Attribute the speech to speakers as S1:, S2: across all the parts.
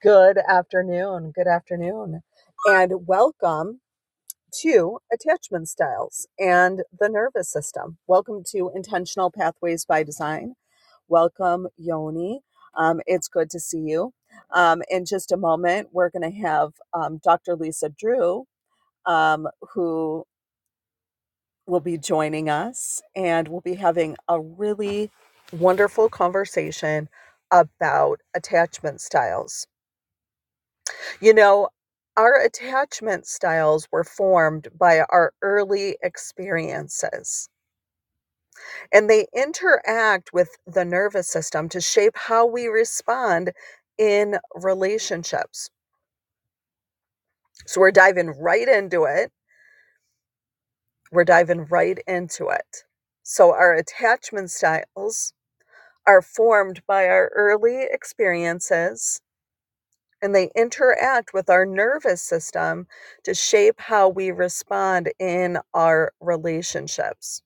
S1: Good afternoon. Good afternoon. And welcome to Attachment Styles and the Nervous System. Welcome to Intentional Pathways by Design. Welcome, Yoni. Um, it's good to see you. Um, in just a moment, we're going to have um, Dr. Lisa Drew, um, who will be joining us, and we'll be having a really wonderful conversation about attachment styles. You know, our attachment styles were formed by our early experiences, and they interact with the nervous system to shape how we respond in relationships. So we're diving right into it. We're diving right into it. So our attachment styles are formed by our early experiences and they interact with our nervous system to shape how we respond in our relationships.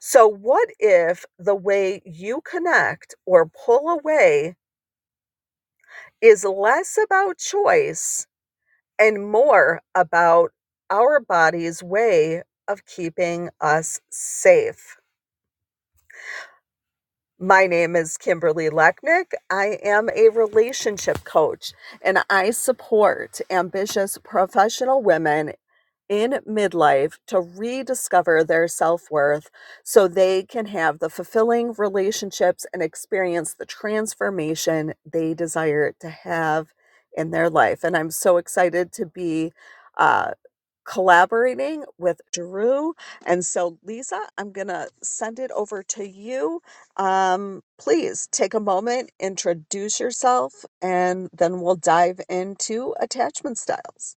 S1: So, what if the way you connect or pull away is less about choice and more about our body's way of keeping us safe? My name is Kimberly Lechnick. I am a relationship coach and I support ambitious professional women in midlife to rediscover their self worth so they can have the fulfilling relationships and experience the transformation they desire to have in their life. And I'm so excited to be uh, collaborating with Drew. And so, Lisa, I'm going to send it over to you. Um, please take a moment, introduce yourself, and then we'll dive into attachment styles.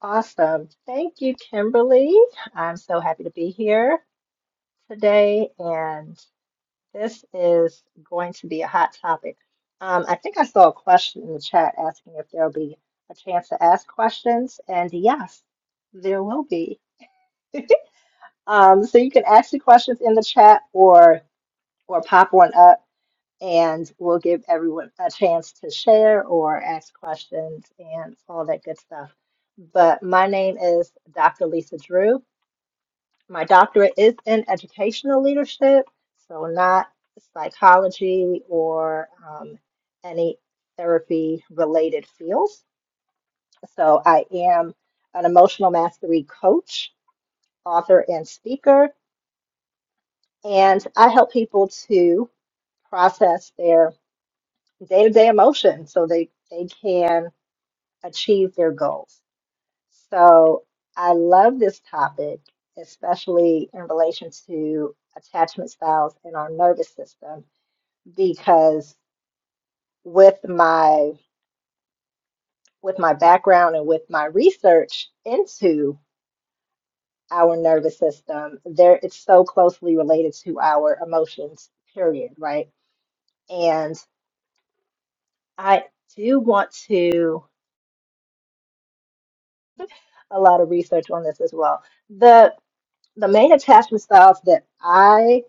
S2: Awesome. Thank you, Kimberly. I'm so happy to be here today, and this is going to be a hot topic. Um, I think I saw a question in the chat asking if there'll be a chance to ask questions, and yes, there will be. Um, so you can ask the questions in the chat or or pop one up, and we'll give everyone a chance to share or ask questions and all that good stuff. But my name is Dr. Lisa Drew. My doctorate is in educational leadership, so not psychology or um, any therapy related fields. So I am an emotional mastery coach, author, and speaker, and I help people to process their day to day emotions so they, they can achieve their goals. So I love this topic, especially in relation to attachment styles and our nervous system, because with my with my background and with my research into our nervous system, there it's so closely related to our emotions, period, right? And I do want to a lot of research on this as well. the main attachment styles that I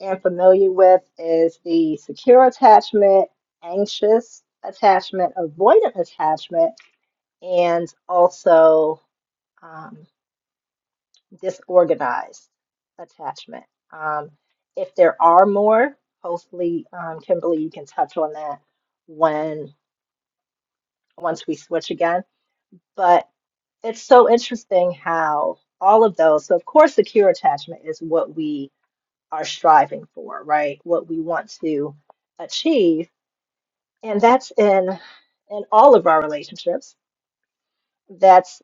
S2: am familiar with is the secure attachment, anxious attachment, avoidant attachment, and also um, disorganized attachment. Um, if there are more, hopefully, um, Kimberly, you can touch on that when once we switch again. But it's so interesting how all of those. So, of course, secure attachment is what we are striving for, right? What we want to achieve. And that's in in all of our relationships. That's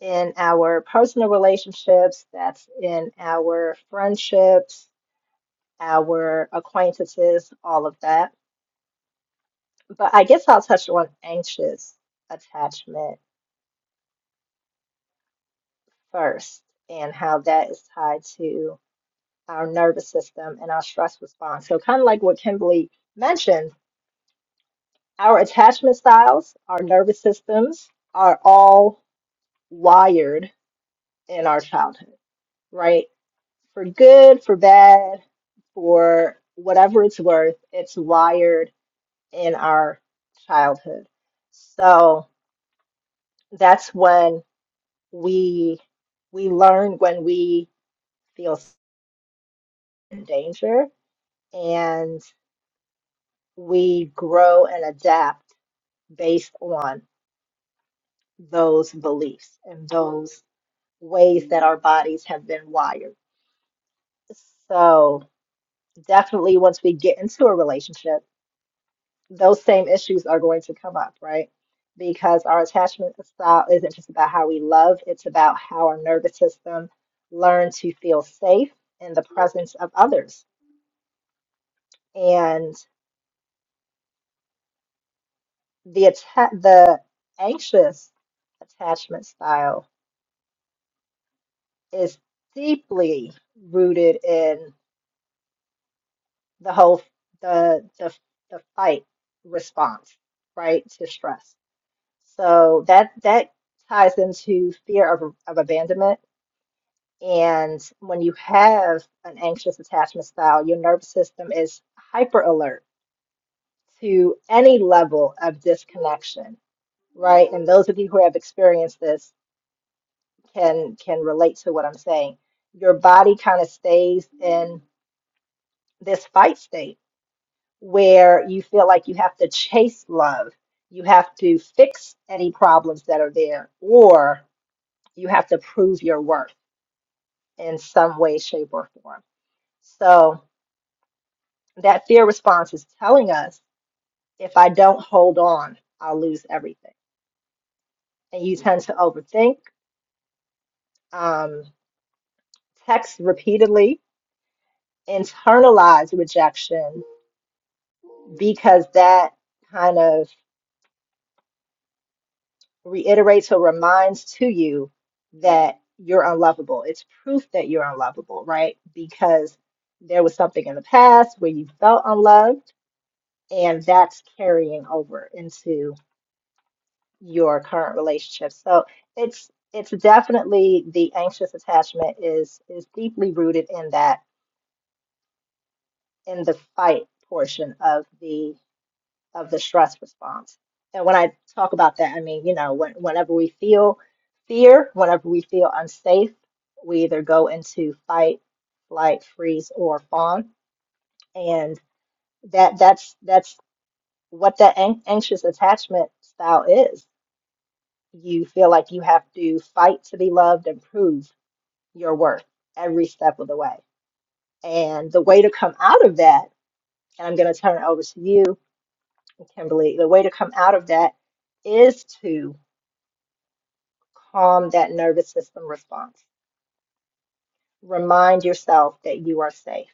S2: in our personal relationships, that's in our friendships, our acquaintances, all of that. But I guess I'll touch on anxious attachment first and how that is tied to our nervous system and our stress response. So kind of like what Kimberly mentioned, Our attachment styles, our nervous systems are all wired in our childhood, right? For good, for bad, for whatever it's worth, it's wired in our childhood. So that's when we we learn when we feel in danger and we grow and adapt based on those beliefs and those ways that our bodies have been wired. So, definitely, once we get into a relationship, those same issues are going to come up, right? Because our attachment style isn't just about how we love, it's about how our nervous system learns to feel safe in the presence of others. And the atta- the anxious attachment style is deeply rooted in the whole the the the fight response, right, to stress. So that that ties into fear of of abandonment. And when you have an anxious attachment style, your nervous system is hyper alert to any level of disconnection, right? And those of you who have experienced this can can relate to what I'm saying. Your body kind of stays in this fight state where you feel like you have to chase love, you have to fix any problems that are there, or you have to prove your worth in some way, shape, or form. So that fear response is telling us if I don't hold on, I'll lose everything. And you tend to overthink, um, text repeatedly, internalize rejection because that kind of reiterates or reminds to you that you're unlovable. It's proof that you're unlovable, right? Because there was something in the past where you felt unloved, and that's carrying over into your current relationship. So it's it's definitely the anxious attachment is is deeply rooted in that in the fight portion of the of the stress response. And when I talk about that, I mean, you know, when, whenever we feel fear, whenever we feel unsafe, we either go into fight, flight, freeze, or fawn. And that that's that's what that an- anxious attachment style is. You feel like you have to fight to be loved and prove your worth every step of the way. And the way to come out of that, and I'm going to turn it over to you, Kimberly, the way to come out of that is to calm that nervous system response. Remind yourself that you are safe.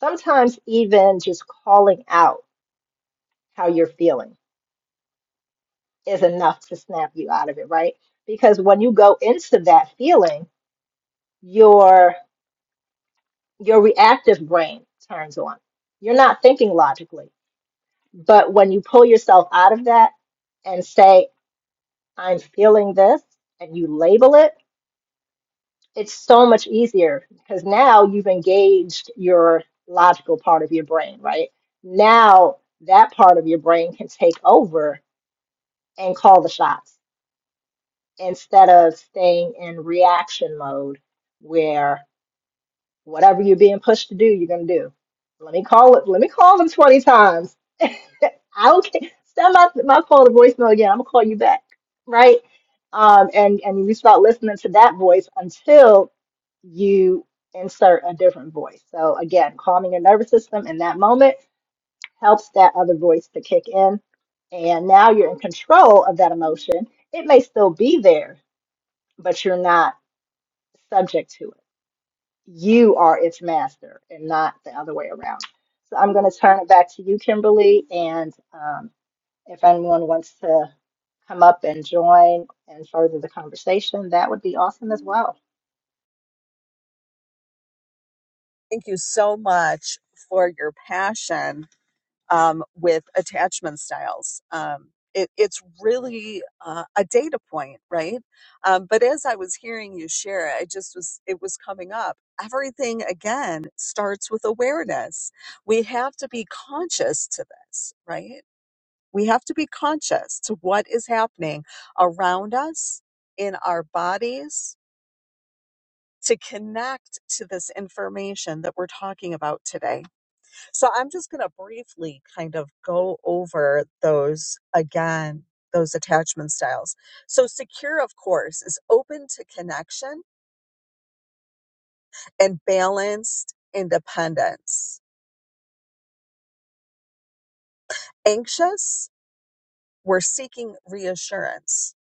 S2: Sometimes, even just calling out how you're feeling is enough to snap you out of it, right? Because when you go into that feeling, your your reactive brain turns on. You're not thinking logically. But when you pull yourself out of that and say, I'm feeling this, and you label it, it's so much easier because now you've engaged your logical part of your brain, right? Now that part of your brain can take over and call the shots instead of staying in reaction mode where. Whatever you're being pushed to do, you're gonna do. Let me call it. Let me call them 20 times. I don't care. Send my, my phone to voicemail again. I'm gonna call you back, right? Um, and and you start listening to that voice until you insert a different voice. So again, calming your nervous system in that moment helps that other voice to kick in, and now you're in control of that emotion. It may still be there, but you're not subject to it you are its master and not the other way around. So I'm going to turn it back to you, Kimberly, and um, if anyone wants to come up and join and further the conversation, that would be awesome as well.
S1: Thank you so much for your passion um, with attachment styles. Um, it, it's really uh, a data point, right? Um, but as I was hearing you share it, I just was, it was coming up. Everything again starts with awareness. We have to be conscious to this, right? We have to be conscious to what is happening around us, in our bodies, to connect to this information that we're talking about today so I'm just going to briefly kind of go over those again, those attachment styles. So secure, of course, is open to connection and balanced independence. Anxious, we're seeking reassurance.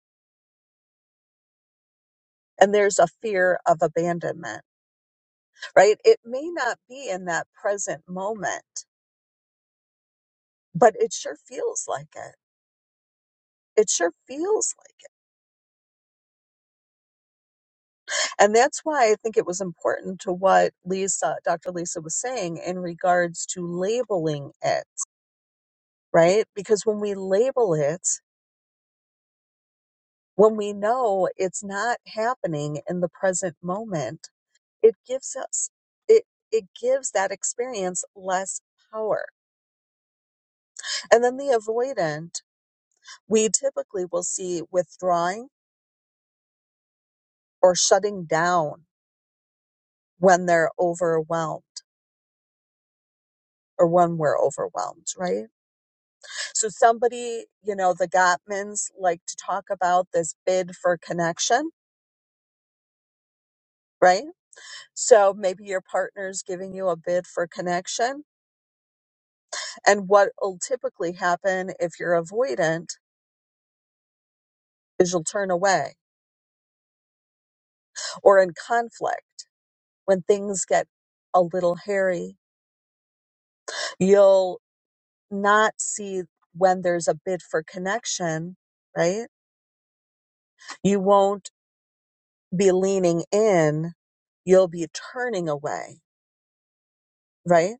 S1: And there's a fear of abandonment, right? It may not be in that present moment, but it sure feels like it. It sure feels like And that's why I think it was important to what Lisa, Dr. Lisa was saying in regards to labeling it, right? Because when we label it, when we know it's not happening in the present moment, it gives us, it, it gives that experience less power. And then the avoidant, we typically will see withdrawing or shutting down when they're overwhelmed or when we're overwhelmed, right? So somebody, you know, the Gottmans like to talk about this bid for connection, right? So maybe your partner's giving you a bid for connection. And what will typically happen if you're avoidant is you'll turn away or in conflict when things get a little hairy, you'll not see when there's a bid for connection, right? You won't be leaning in, you'll be turning away, right?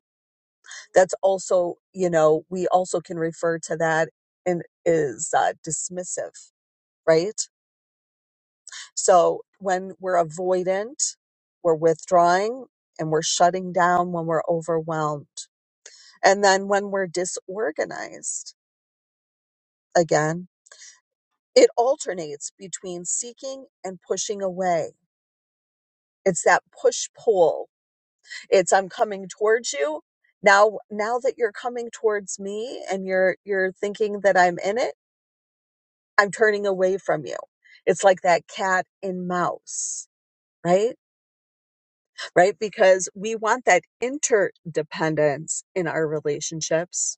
S1: That's also, you know, we also can refer to that and is uh, dismissive, right? So when we're avoidant, we're withdrawing and we're shutting down when we're overwhelmed. And then when we're disorganized, again, it alternates between seeking and pushing away. It's that push pull. It's I'm coming towards you. Now now that you're coming towards me and you're you're thinking that I'm in it, I'm turning away from you. It's like that cat and mouse, right? Right? Because we want that interdependence in our relationships.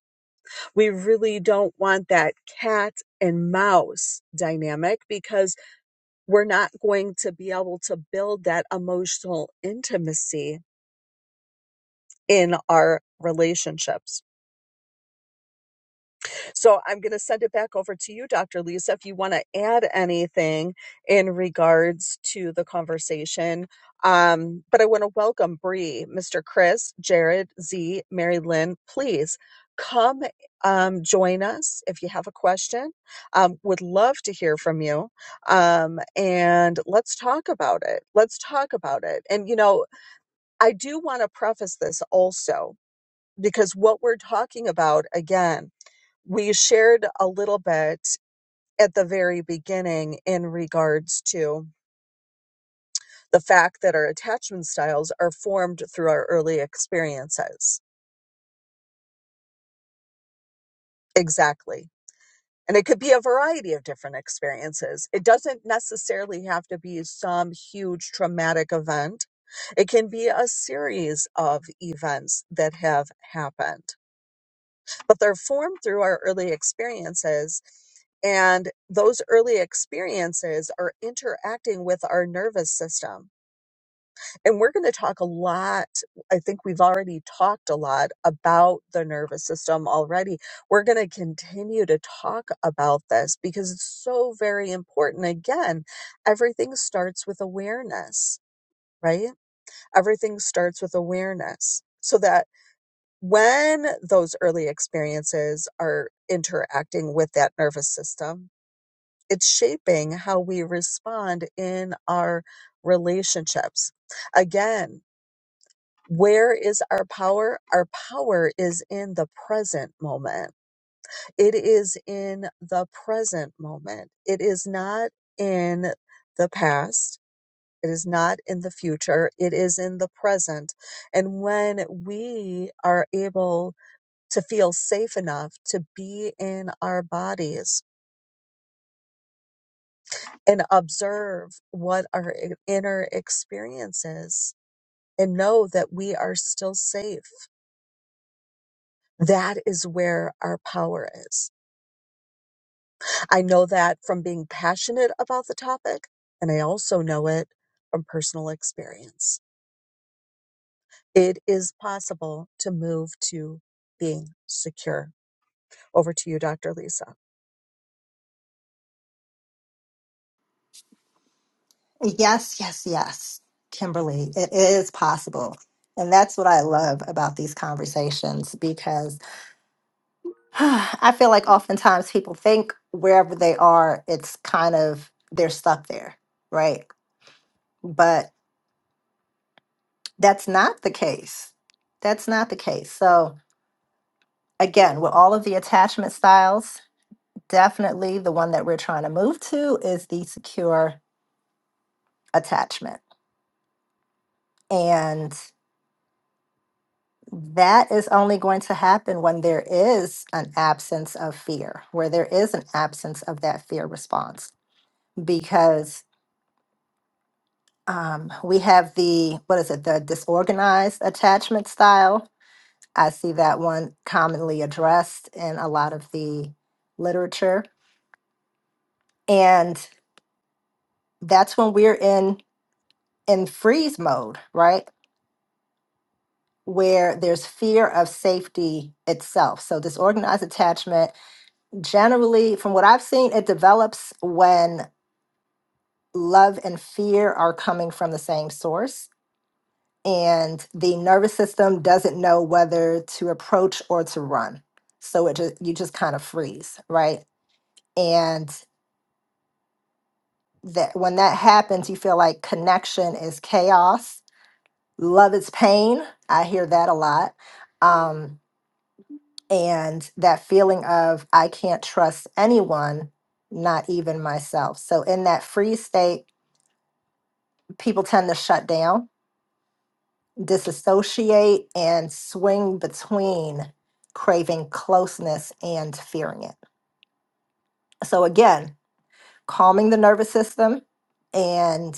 S1: We really don't want that cat and mouse dynamic because we're not going to be able to build that emotional intimacy in our relationships So I'm going to send it back over to you, Dr. Lisa, if you want to add anything in regards to the conversation. Um, but I want to welcome Bree, Mr. Chris, Jared, Z, Mary Lynn. Please come um, join us if you have a question. Um, would love to hear from you. Um, and let's talk about it. Let's talk about it. And, you know, I do want to preface this also because what we're talking about again we shared a little bit at the very beginning in regards to the fact that our attachment styles are formed through our early experiences. Exactly. And it could be a variety of different experiences. It doesn't necessarily have to be some huge traumatic event. It can be a series of events that have happened but they're formed through our early experiences. And those early experiences are interacting with our nervous system. And we're going to talk a lot. I think we've already talked a lot about the nervous system already. We're going to continue to talk about this because it's so very important. Again, everything starts with awareness, right? Everything starts with awareness. So that when those early experiences are interacting with that nervous system, it's shaping how we respond in our relationships. Again, where is our power? Our power is in the present moment. It is in the present moment. It is not in the past. It is not in the future. It is in the present. And when we are able to feel safe enough to be in our bodies and observe what our i- inner experience is and know that we are still safe. That is where our power is. I know that from being passionate about the topic, and I also know it from personal experience. It is possible to move to being secure. Over to you, Dr. Lisa.
S2: Yes, yes, yes, Kimberly, it is possible. And that's what I love about these conversations because I feel like oftentimes people think wherever they are, it's kind of they're stuck there, right? That's not the case. That's not the case. So, again, with all of the attachment styles, definitely the one that we're trying to move to is the secure attachment. And that is only going to happen when there is an absence of fear, where there is an absence of that fear response, because um, we have the, what is it, the disorganized attachment style. I see that one commonly addressed in a lot of the literature And that's when we're in in freeze mode, right? Where there's fear of safety itself. So disorganized attachment generally from what I've seen it develops when love and fear are coming from the same source and the nervous system doesn't know whether to approach or to run. So it just you just kind of freeze, right? And that when that happens you feel like connection is chaos love is pain. I hear that a lot. Um, and that feeling of I can't trust anyone, not even myself. So, in that free state, people tend to shut down, disassociate, and swing between craving closeness and fearing it. So, again, calming the nervous system. and.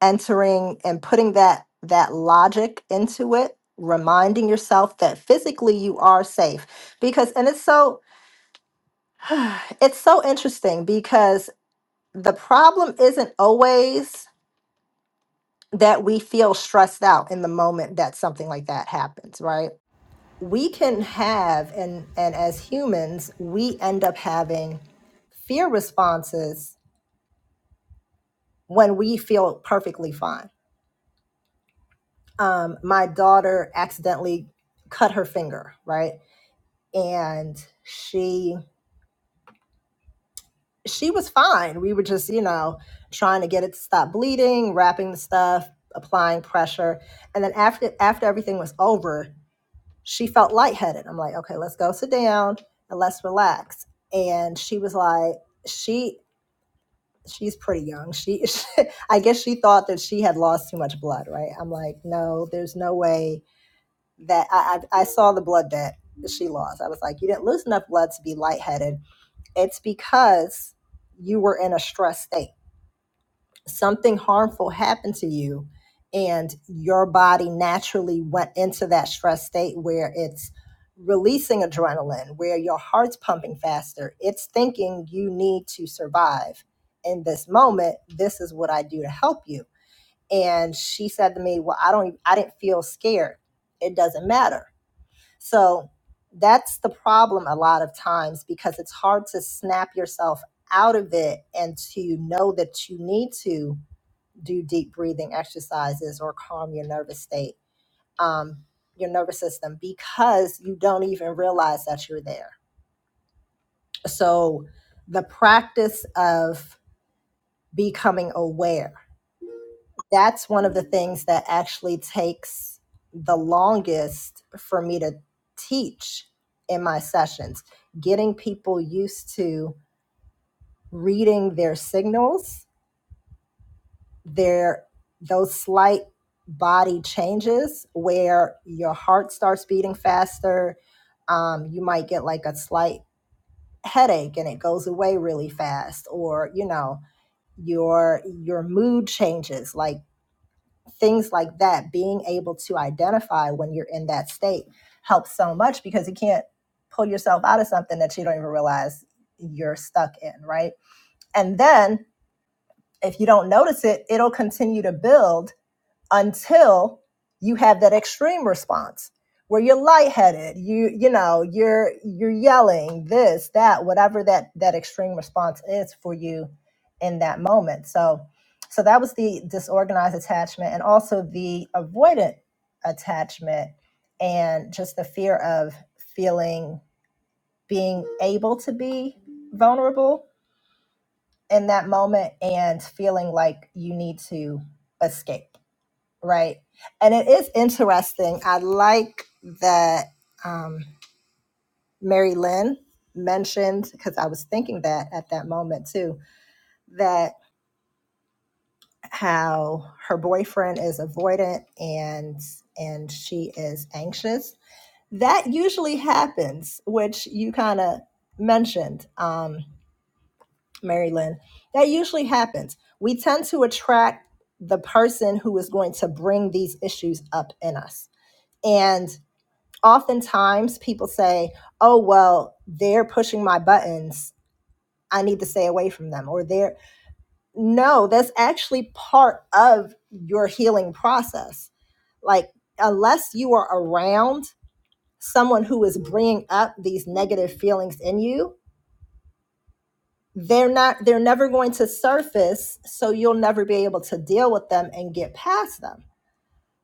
S2: entering and putting that that logic into it reminding yourself that physically you are safe because and it's so it's so interesting because the problem isn't always that we feel stressed out in the moment that something like that happens right we can have and and as humans we end up having fear responses when we feel perfectly fine um, my daughter accidentally cut her finger, right? And she she was fine. We were just, you know, trying to get it to stop bleeding, wrapping the stuff, applying pressure. And then after after everything was over, she felt lightheaded. I'm like, okay, let's go sit down and let's relax. And she was like, she she's pretty young. She I guess she thought that she had lost too much blood, right? I'm like, no, there's no way that I, I, I saw the blood that she lost. I was like, you didn't lose enough blood to be lightheaded. It's because you were in a stress state. Something harmful happened to you, and your body naturally went into that stress state where it's releasing adrenaline, where your heart's pumping faster. It's thinking you need to survive. In this moment, this is what I do to help you. And she said to me, Well, I don't, I didn't feel scared. It doesn't matter so that's the problem a lot of times because it's hard to snap yourself out of it and to know that you need to do deep breathing exercises or calm your nervous state, um, your nervous system, because you don't even realize that you're there. So the practice of becoming aware. that's one of the things that actually takes the longest for me to teach in my sessions getting people used to reading their signals their those slight body changes where your heart starts beating faster um, you might get like a slight headache and it goes away really fast or you know your your mood changes like things like that being able to identify when you're in that state helps so much because you can't pull yourself out of something that you don't even realize you're stuck in right and then if you don't notice it it'll continue to build until you have that extreme response where you're lightheaded, you you know, you're you're yelling this, that, whatever that that extreme response is for you in that moment. So so that was the disorganized attachment and also the avoidant attachment and just the fear of feeling being able to be vulnerable in that moment and feeling like you need to escape Right. And it is interesting. I like that um, Mary Lynn mentioned, because I was thinking that at that moment too, that how her boyfriend is avoidant and and she is anxious. That usually happens, which you kind of mentioned, um, Mary Lynn. That usually happens. We tend to attract the person who is going to bring these issues up in us. and. oftentimes people say, "Oh, well, they're pushing my buttons. I need to stay away from them." Or they're no, that's actually part of your healing process. Like unless you are around someone who is bringing up these negative feelings in you, they're not they're never going to surface, so you'll never be able to deal with them and get past them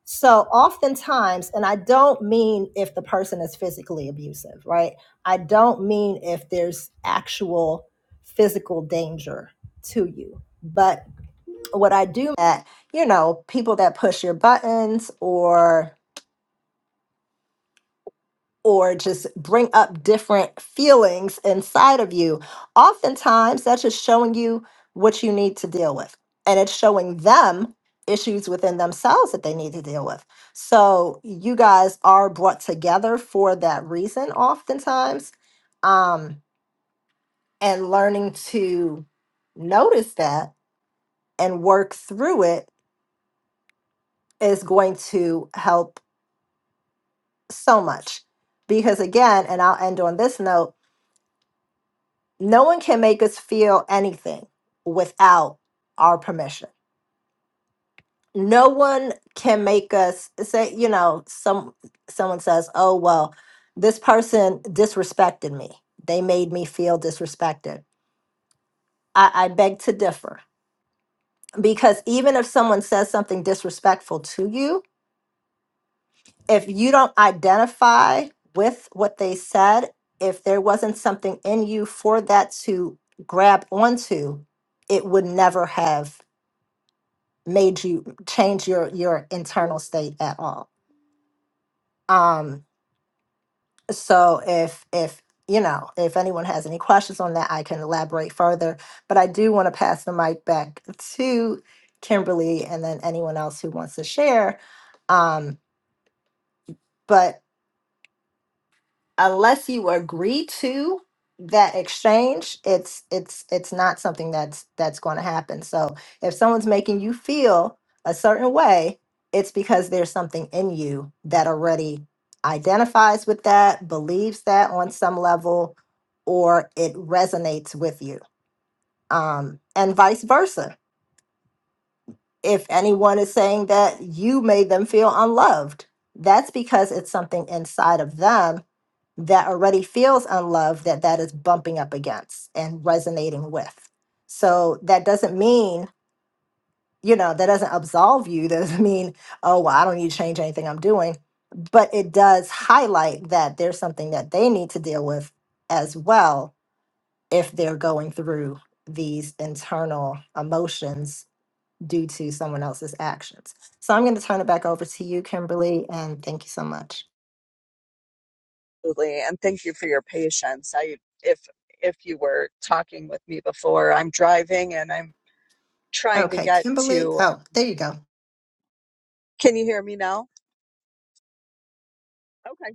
S2: So oftentimes, and I don't mean if the person is physically abusive, right? I don't mean if there's actual physical danger to you. But what I do that, you know, people that push your buttons or or just bring up different feelings inside of you, oftentimes that's just showing you what you need to deal with. And it's showing them issues within themselves that they need to deal with. So you guys are brought together for that reason, oftentimes. Um, and learning to notice that and work through it is going to help so much. Because again, and I'll end on this note No one can make us feel anything without our permission. No one can make us say, you know, some someone says, "Oh, well, this person disrespected me. They made me feel disrespected." I, I beg to differ because even if someone says something disrespectful to you, if you don't identify with what they said, if there wasn't something in you for that to grab onto, it would never have made you change your your internal state at all um so if if you know if anyone has any questions on that i can elaborate further but i do want to pass the mic back to kimberly and then anyone else who wants to share um but unless you agree to that exchange it's it's it's not something that's that's going to happen so if someone's making you feel a certain way it's because there's something in you that already identifies with that believes that on some level or it resonates with you um and vice versa if anyone is saying that you made them feel unloved, that's because it's something inside of them that already feels unloved that that is bumping up against and resonating with. So that doesn't mean, you know, that doesn't absolve you. That doesn't mean, oh, well, I don't need to change anything I'm doing. But it does highlight that there's something that they need to deal with as well if they're going through these internal emotions due to someone else's actions. So I'm going to turn it back over to you, Kimberly, and thank you so much.
S1: Absolutely, and thank you for your patience. I if if you were talking with me before, I'm driving and I'm trying to
S2: Okay,
S1: get
S2: Kimberly.
S1: to.
S2: Oh, there you go.
S1: Can you hear me now? Okay.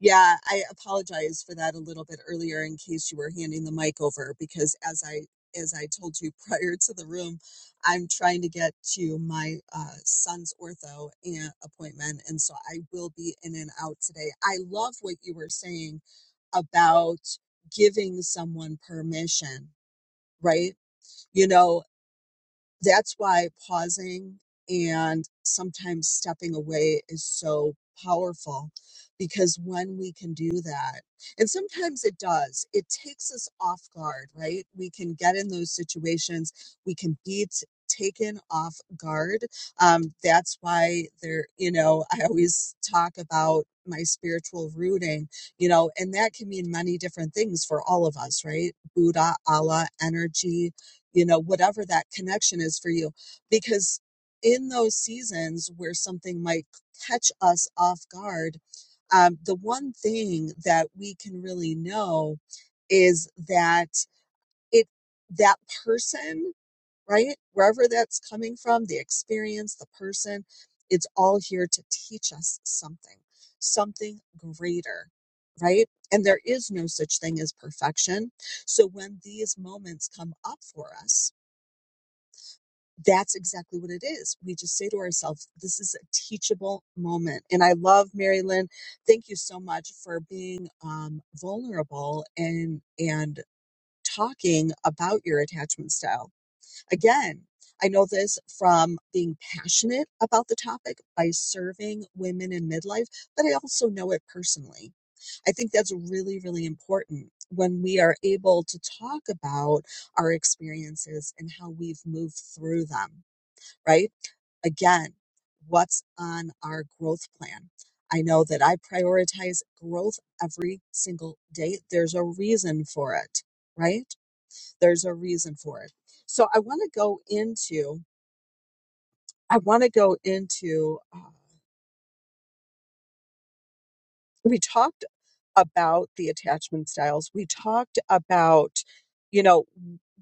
S1: Yeah, I apologize for that a little bit earlier in case you were handing the mic over because as I as I told you prior to the room, I'm trying to get to my uh, son's ortho and appointment, and so I will be in and out today. I love what you were saying about giving someone permission right? You know, that's why pausing and sometimes stepping away is so powerful because when we can do that, and sometimes it does, it takes us off guard, right? We can get in those situations, we can be t- taken off guard. Um, that's why there, you know, I always talk about my spiritual rooting, you know, and that can mean many different things for all of us, right? Buddha, Allah, energy, you know, whatever that connection is for you. Because in those seasons where something might catch us off guard, um, the one thing that we can really know is that it that person, right, wherever that's coming from, the experience, the person, it's all here to teach us something, something greater, right? And there is no such thing as perfection. So when these moments come up for us, that's exactly what it is. We just say to ourselves, this is a teachable moment. And I love Mary Lynn. Thank you so much for being um, vulnerable and, and talking about your attachment style. Again, I know this from being passionate about the topic by serving women in midlife, but I also know it personally. I think that's really, really important when we are able to talk about our experiences and how we've moved through them right? again, what's on our growth plan? I know that I prioritize growth every single day. There's a reason for it, right? There's a reason for it. So I want to go into, I want to go into, uh, we talked about the attachment styles. We talked about, you know,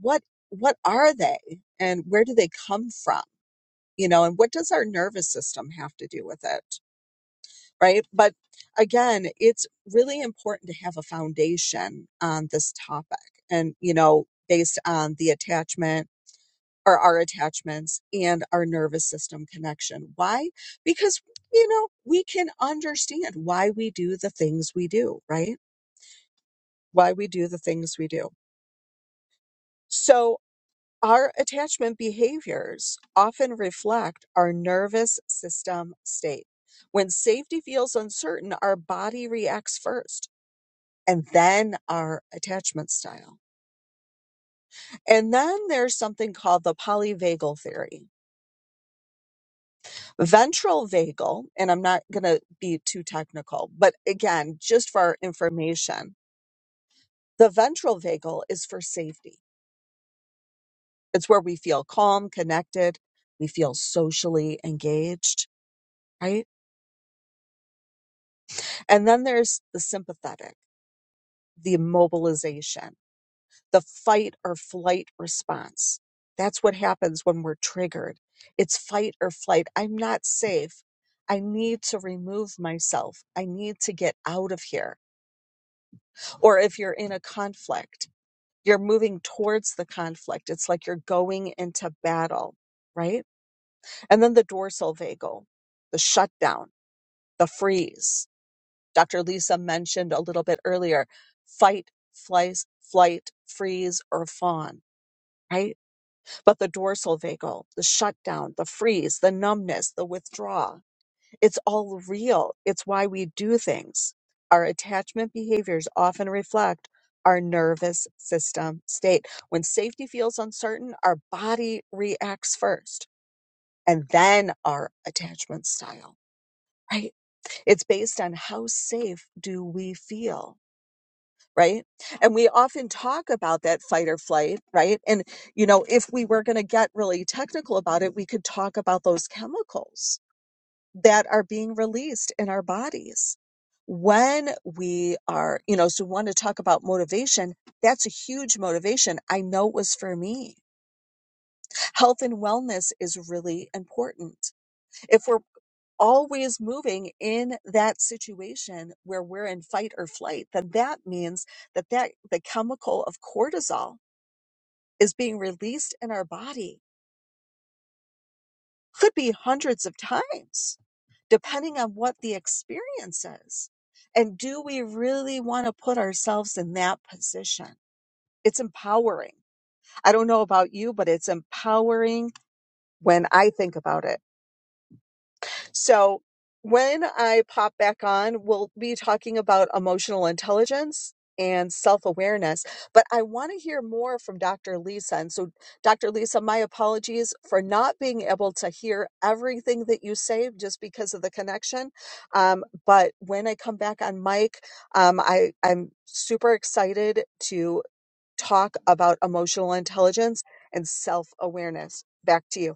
S1: what, what are they and where do they come from? You know, and what does our nervous system have to do with it? right? But again, it's really important to have a foundation on this topic and, you know, based on the attachment or our attachments and our nervous system connection. Why? Because, you know, we can understand why we do the things we do, right? Why we do the things we do. So, our attachment behaviors often reflect our nervous system state. When safety feels uncertain, our body reacts first and then our attachment style. And then there's something called the polyvagal theory. Ventral vagal, and I'm not going to be too technical, but again, just for our information, the ventral vagal is for safety. It's where we feel calm, connected, we feel socially engaged, right? And then there's the sympathetic, the mobilization. the fight or flight response. That's what happens when we're triggered. It's fight or flight. I'm not safe. I need to remove myself. I need to get out of here. Or if you're in a conflict, you're moving towards the conflict. It's like you're going into battle, right? And then the dorsal vagal, the shutdown, the freeze. Dr. Lisa mentioned a little bit earlier fight, flies, flight, freeze, or fawn, right? But the dorsal vagal, the shutdown, the freeze, the numbness, the withdrawal, it's all real. It's why we do things. Our attachment behaviors often reflect our nervous system state. When safety feels uncertain, our body reacts first and then our attachment style, right? It's based on how safe do we feel right? And we often talk about that fight or flight, right? And, you know, if we were going to get really technical about it, we could talk about those chemicals that are being released in our bodies. When we are, you know, so we want to talk about motivation, that's a huge motivation. I know it was for me. Health and wellness is really important. If we're always moving in that situation where we're in fight or flight, then that means that, that the chemical of cortisol is being released in our body, could be hundreds of times, depending on what the experience is. And do we really want to put ourselves in that position? It's empowering. I don't know about you, but it's empowering when I think about it. So when I pop back on, we'll be talking about emotional intelligence and self awareness. But I want to hear more from Dr. Lisa. And so, Dr. Lisa, my apologies for not being able to hear everything that you say just because of the connection. Um, but when I come back on mic, um, I, I'm super excited to talk about emotional intelligence and self awareness. Back to you.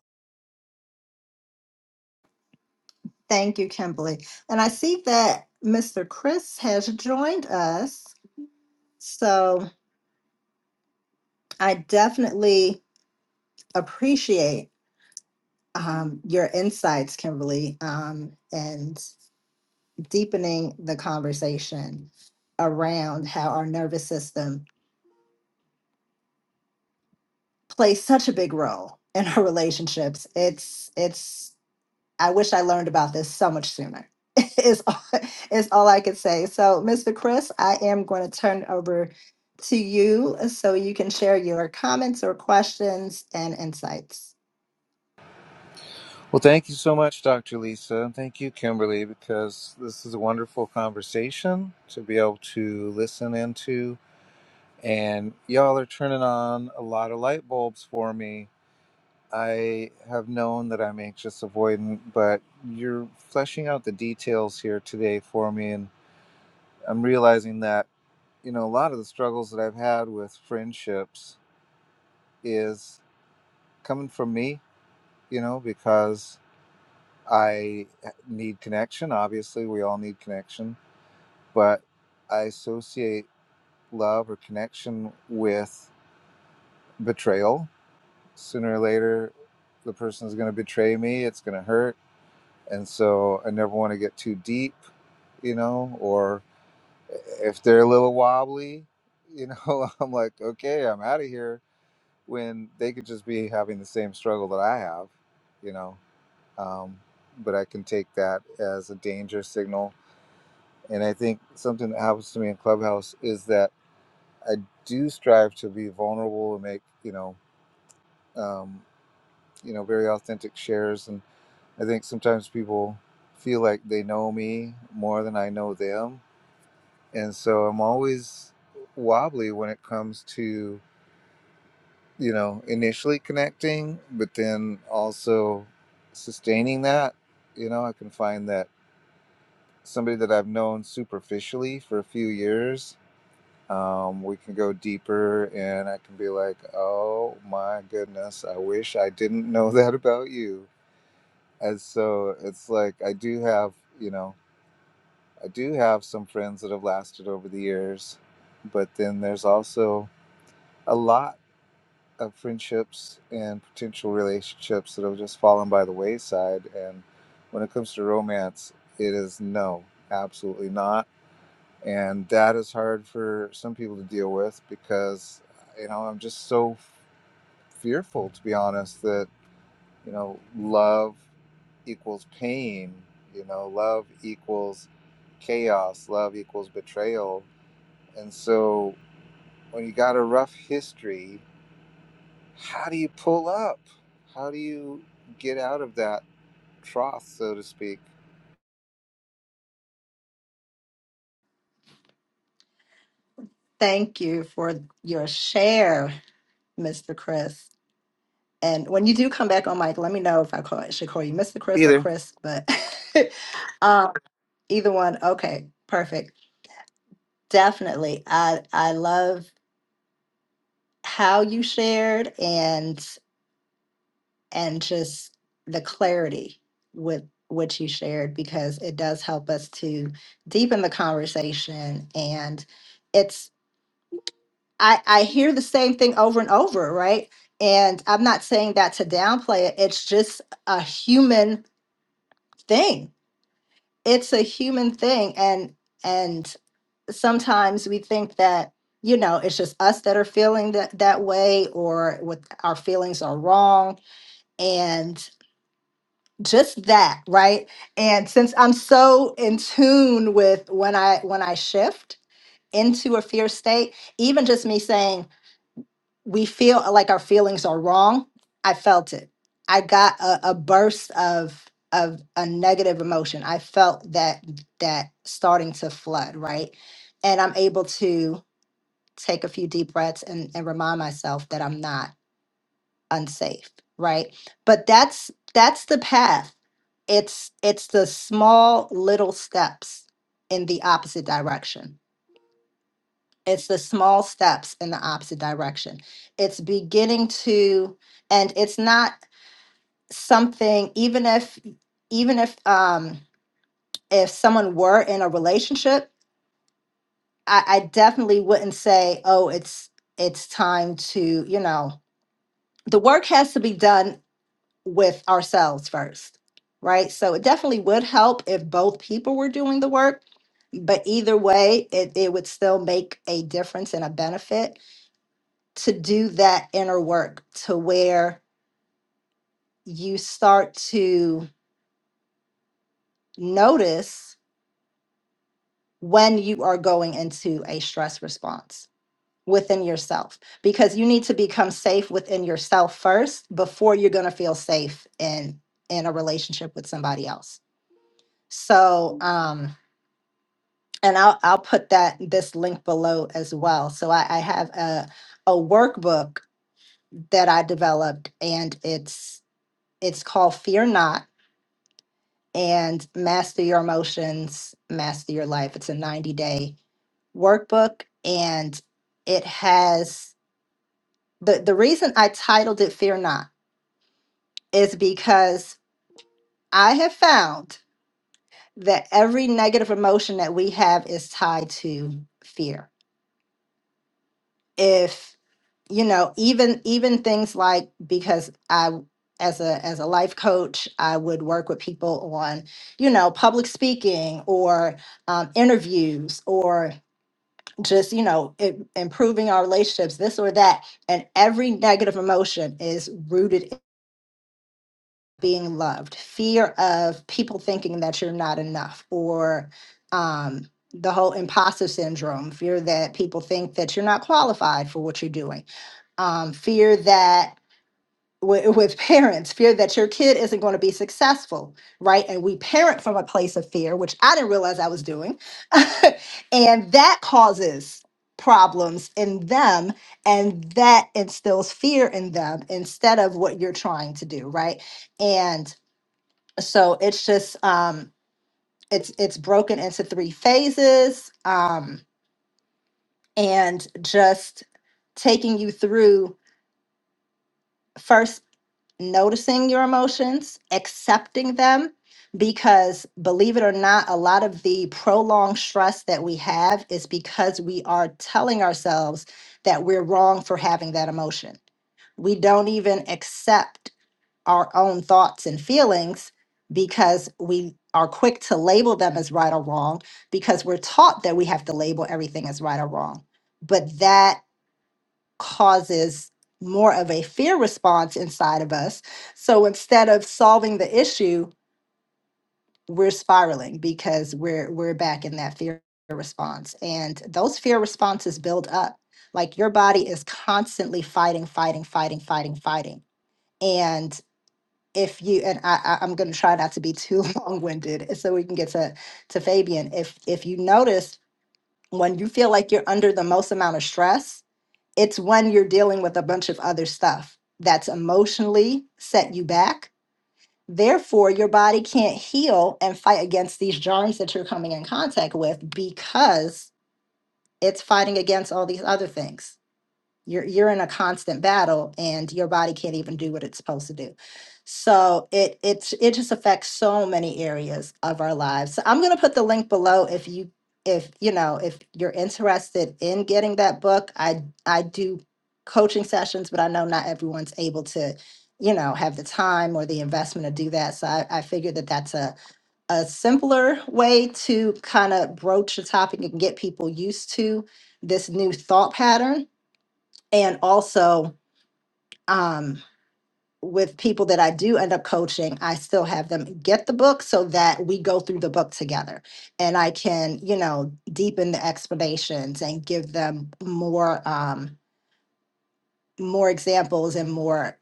S2: Thank you, Kimberly. And I see that Mr. Chris has joined us. So I definitely appreciate um, your insights, Kimberly, um, and deepening the conversation around how our nervous system plays such a big role in our relationships. It's it's I wish I learned about this so much sooner. is all- is all I could say. So, Mr. Chris, I am going to turn over to you so you can share your comments or questions and insights.
S3: Well, thank you so much, Dr. Lisa, and thank you, Kimberly, because this is a wonderful conversation to be able to listen into. And y'all are turning on a lot of light bulbs for me. I have known that I'm anxious avoidant, but you're fleshing out the details here today for me. And I'm realizing that, you know, a lot of the struggles that I've had with friendships is coming from me, you know, because I need connection. Obviously, we all need connection, but I associate love or connection with betrayal. Sooner or later, the person is going to betray me. It's going to hurt. And so I never want to get too deep, you know, or if they're a little wobbly, you know, I'm like, okay, I'm out of here when they could just be having the same struggle that I have, you know. Um, but I can take that as a danger signal And I think something that happens to me in Clubhouse is that I do strive to be vulnerable and make, you know, um, you know, very authentic shares. And I think sometimes people feel like they know me more than I know them. And so I'm always wobbly when it comes to, you know, initially connecting, but then also sustaining that. You know, I can find that somebody that I've known superficially for a few years Um, we can go deeper, and I can be like, oh my goodness, I wish I didn't know that about you. And so it's like, I do have, you know, I do have some friends that have lasted over the years, but then there's also a lot of friendships and potential relationships that have just fallen by the wayside. And when it comes to romance, it is no, absolutely not and that is hard for some people to deal with because you know i'm just so fearful to be honest that you know love equals pain you know love equals chaos love equals betrayal and so when you got a rough history how do you pull up how do you get out of that trough so to speak
S2: Thank you for your share, Mr. Chris. And when you do come back on mic, let me know if I call, should call you Mr. Chris or
S3: either
S2: Chris, but um, either one. Okay, perfect. Definitely. I I love how you shared, and. and just the clarity with what you shared because it does help us to deepen the conversation and it's I, I hear the same thing over and over right and i'm not saying that to downplay it it's just a human thing it's a human thing and and sometimes we think that you know it's just us that are feeling that that way or with our feelings are wrong and. just that right and since i'm so in tune with when i when i shift into a fear state even just me saying we feel like our feelings are wrong i felt it i got a, a burst of of a negative emotion i felt that that starting to flood right and i'm able to take a few deep breaths and, and remind myself that i'm not unsafe right but that's that's the path it's it's the small little steps in the opposite direction it's the small steps in the opposite direction it's beginning to and it's not something even if even if um if someone were in a relationship i, I definitely wouldn't say oh it's it's time to you know the work has to be done with ourselves first, right? So it definitely would help if both people were doing the work, but either way, it, it would still make a difference and a benefit to do that inner work to where you start to notice when you are going into a stress response within yourself because you need to become safe within yourself first before you're going to feel safe in in a relationship with somebody else so um. and I'll I'll put that this link below as well. So I, I have a a workbook that I developed, and it's it's called Fear Not and Master Your Emotions, Master Your Life. It's a ninety day workbook, and it has the the reason I titled it Fear Not is because I have found that every negative emotion that we have is tied to fear. If you know even even things like because i as a as a life coach i would work with people on you know public speaking or um, interviews or just you know i- improving our relationships this or that and every negative emotion is rooted in being loved fear of people thinking that you're not enough or um, the whole imposter syndrome fear that people think that you're not qualified for what you're doing um, fear that with, with parents fear that your kid isn't going to be successful right and we parent from a place of fear which i didn't realize i was doing and that causes problems in them and that instills fear in them instead of what you're trying to do right and so it's just um it's it's broken into three phases um and just taking you through first noticing your emotions, accepting them, because believe it or not, a lot of the prolonged stress that we have is because we are telling ourselves that we're wrong for having that emotion. We don't even accept our own thoughts and feelings because we are quick to label them as right or wrong because we're taught that we have to label everything as right or wrong. But that causes more of a fear response inside of us. So instead of solving the issue, we're spiraling because we're we're back in that fear response. And those fear responses build up. Like your body is constantly fighting, fighting, fighting, fighting, fighting. And if you and I, I I'm gonna try not to be too long-winded so we can get to to Fabian. If if you notice when you feel like you're under the most amount of stress, it's when you're dealing with a bunch of other stuff that's emotionally set you back. Therefore, your body can't heal and fight against these germs that you're coming in contact with because it's fighting against all these other things you're you're in a constant battle and your body can't even do what it's supposed to do so it it's it just affects so many areas of our lives so i'm going to put the link below if you if you know if you're interested in getting that book i i do coaching sessions but i know not everyone's able to you know have the time or the investment to do that so i, I figured that that's a, a simpler way to kind of broach the topic and get people used to this new thought pattern and also um with people that I do end up coaching, I still have them get the book so that we go through the book together and I can, you know, deepen the explanations and give them more um more examples and more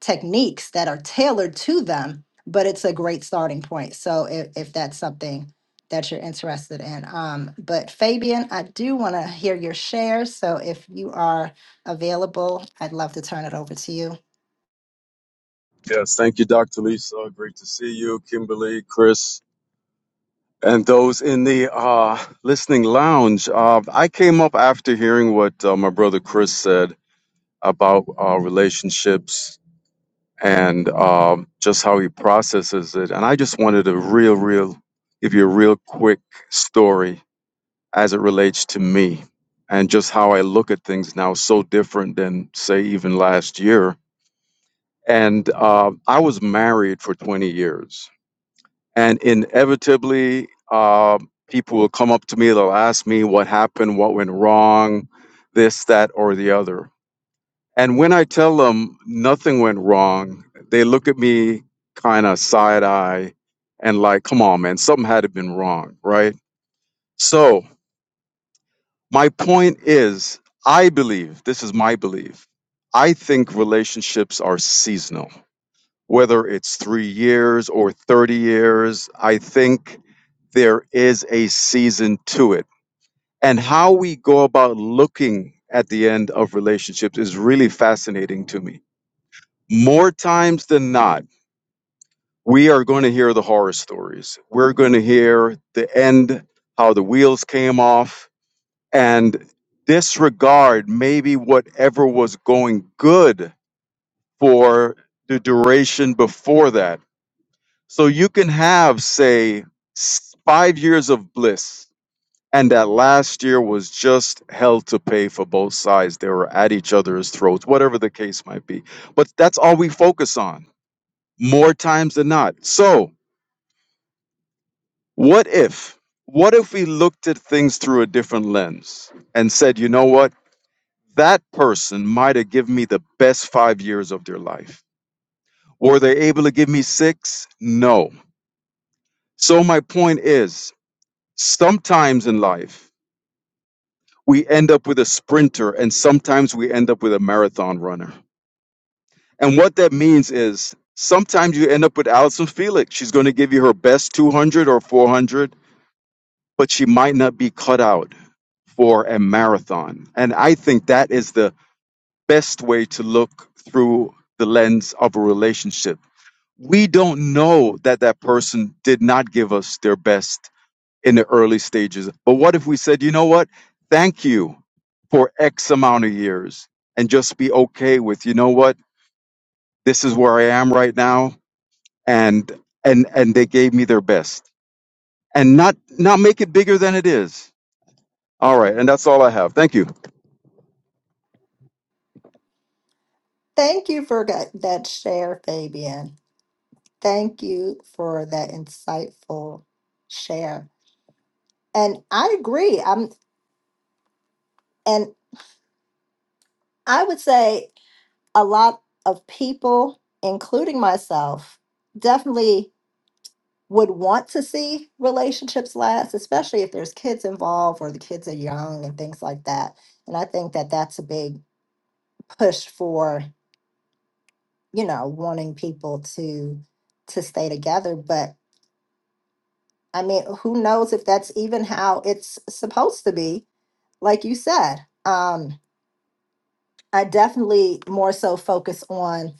S2: techniques that are tailored to them, but it's a great starting point. So if, if that's something that you're interested in. Um, but Fabian, I do want to hear your share. So if you are available, I'd love to turn it over to you.
S4: Yes, thank you, Dr. Lisa. Great to see you, Kimberly, Chris, and those in the uh, listening lounge. Uh, I came up after hearing what uh, my brother Chris said about uh, relationships and um, just how he processes it. And I just wanted to real, real give you a real quick story as it relates to me and just how I look at things now, so different than, say, even last year. And uh, I was married for 20 years and inevitably um, people will come up to me they'll ask me what happened what went wrong this that or the other and when i tell them nothing went wrong they look at me kind of side eye and like come on man something had to been wrong right so my point is i believe this is my belief i think relationships are seasonal whether it's three years or 30 years i think there is a season to it. And how we go about looking at the end of relationships is really fascinating to me. More times than not, we are going to hear the horror stories. We're going to hear the end, how the wheels came off, and disregard maybe whatever was going good for the duration before that. So you can have, say, s- five years of bliss and that last year was just hell to pay for both sides. They were at each other's throats, whatever the case might be. But that's all we focus on more times than not. So, what if? What if we looked at things through a different lens and said, you know what? That person might have given me the best five years of their life. Were they able to give me six? No. So, my point is sometimes in life, we end up with a sprinter and sometimes we end up with a marathon runner. And what that means is sometimes you end up with Allison Felix. She's going to give you her best 200 or 400, but she might not be cut out for a marathon. And I think that is the best way to look through the lens of a relationship. We don't know that that person did not give us their best in the early stages. But what if we said, you know what? Thank you for X amount of years and just be okay with, you know what? This is where I am right now. And, and, and they gave me their best and not, not make it bigger than it is. All right. And that's all I have. Thank you.
S2: Thank you for that, that share, Fabian. Thank you for that insightful share. And I agree. I'm, and I would say a lot of people, including myself, definitely would want to see relationships last, especially if there's kids involved or the kids are young and things like that. And I think that that's a big push for, you know, wanting people to to stay together, but I mean, who knows if that's even how it's supposed to be? Like you said, um, I definitely more so focus on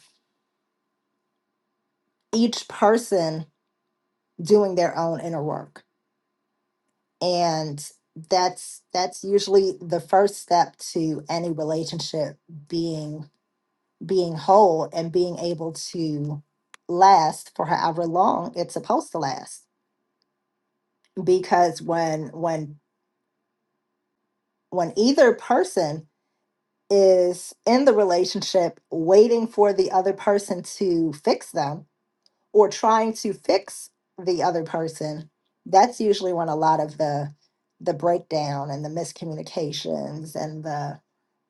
S2: each person doing their own inner work and that's that's usually the first step to any relationship being being whole and being able to last for however long it's supposed to last because when when when either person is in the relationship waiting for the other person to fix them or trying to fix the other person that's usually when a lot of the the breakdown and the miscommunications and the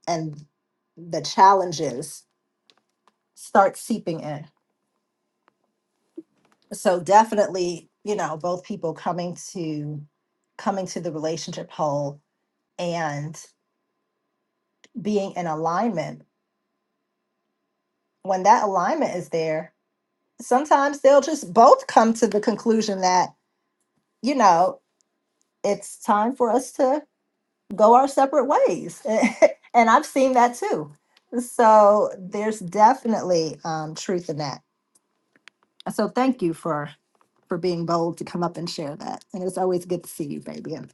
S2: and the challenges start seeping in so definitely you know both people coming to coming to the relationship whole and being in alignment when that alignment is there sometimes they'll just both come to the conclusion that you know it's time for us to go our separate ways. and I've seen that too. So there's definitely um, truth in that. So thank you for for being bold to come up and share that. And it's always good to see you, baby. And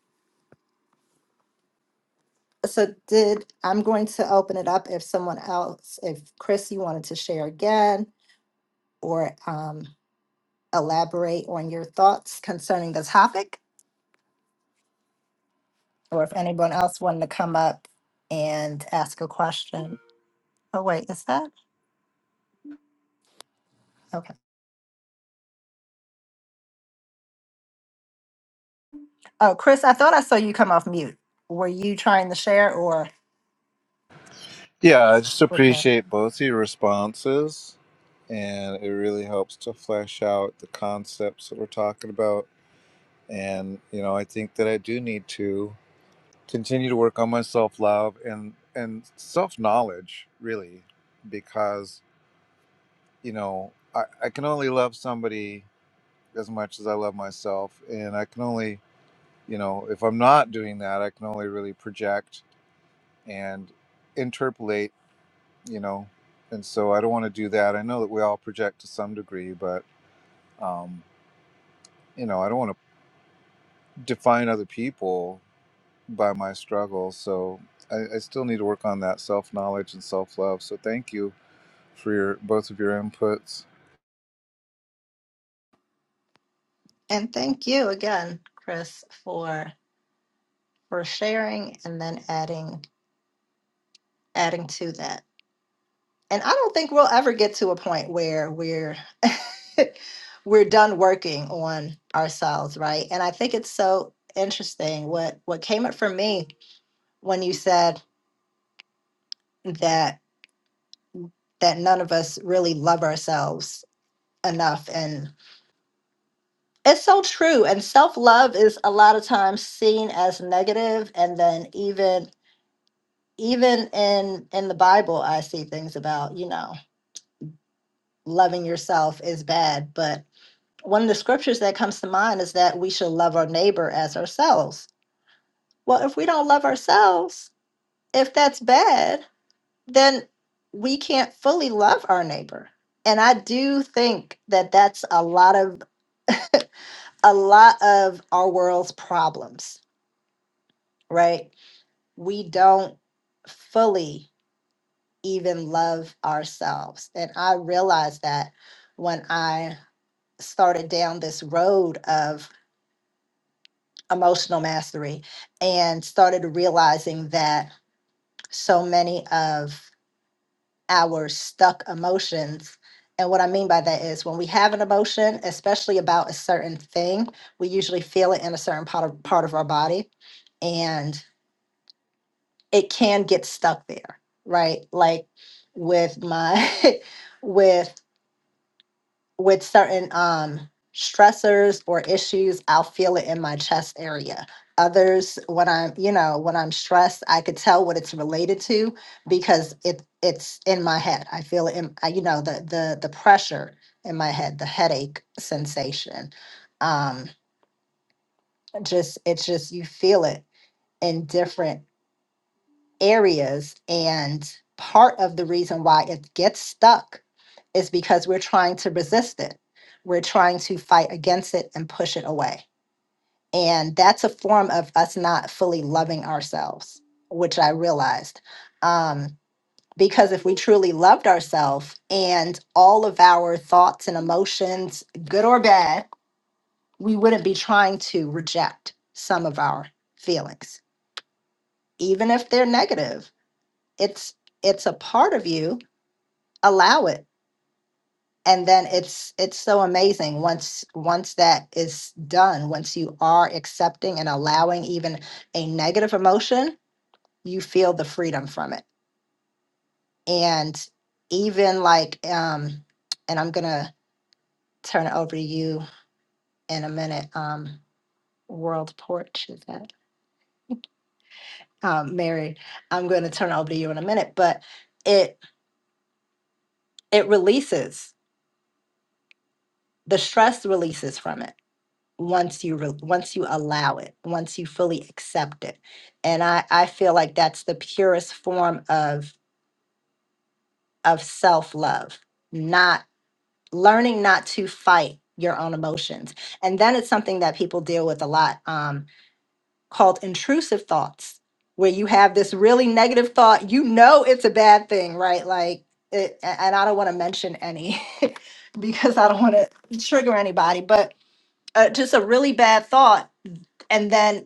S2: so did I'm going to open it up if someone else, if Chris, you wanted to share again or um, elaborate on your thoughts concerning the topic, or if anyone else wanted to come up and ask a question. Oh wait, is that okay? Oh, Chris, I thought I saw you come off mute. Were you trying to share or
S3: Yeah, I just
S2: with that?
S3: appreciate both your responses, and it really helps to flesh out the concepts that we're talking about. And you know, I think that I do need to continue to work on my self-love and and self-knowledge, really, because you know I, I can only love somebody as much as I love myself, and I can only you know if I'm not doing that, I can only really project and interpolate you know and so i don't want to do that i know that we all project to some degree but um you know i don't want to define other people by my struggles so i, I still need to work on that self-knowledge and self-love so thank you for your both of your inputs
S2: And thank you again, Chris, for for sharing and then adding adding to that. And I don't think we'll ever get to a point where we're we're done working on ourselves, right? And I think it's so interesting what what came up for me when you said that that none of us really love ourselves enough and. It's so true. And self love is a lot of times seen as negative, and then even even in in the Bible, I see things about you know loving yourself is bad. But one of the scriptures that comes to mind is that we should love our neighbor as ourselves. Well, if we don't love ourselves, if that's bad, then we can't fully love our neighbor. And I do think that that's a lot of a lot of our world's problems, right? we don't fully even love ourselves. And I realized that when I started down this road of emotional mastery and started realizing that so many of our stuck emotions. And what I mean by that is when we have an emotion, especially about a certain thing, we usually feel it in a certain part of, part of our body. and. it can get stuck there, right? Like with my with with certain um stressors or issues, I'll feel it in my chest area. Others when I'm, you know, when I'm stressed, I could tell what it's related to because it it's in my head. I feel it in I- you know, the the the pressure in my head, the headache sensation. Um just it's just you feel it in different areas. And part of the reason why it gets stuck is because we're trying to resist it. We're trying to fight against it and push it away. And that's a form of us not fully loving ourselves, which I realized. Um, because if we truly loved ourselves and all of our thoughts and emotions, good or bad, we wouldn't be trying to reject some of our feelings, even if they're negative it's it's a part of you allow it and then it's it's so amazing once once that is done once you are accepting and allowing even a negative emotion you feel the freedom from it and even like um and i'm gonna turn it over to you in a minute um world porch is that um mary i'm gonna turn it over to you in a minute but it it releases the stress releases from it once you re- once you allow it once you fully accept it and i i feel like that's the purest form of of self-love not learning not to fight your own emotions and then it's something that people deal with a lot um called intrusive thoughts where you have this really negative thought you know it's a bad thing right like it, a- and i don't want to mention any because i don't want to trigger anybody but uh, just a really bad thought and then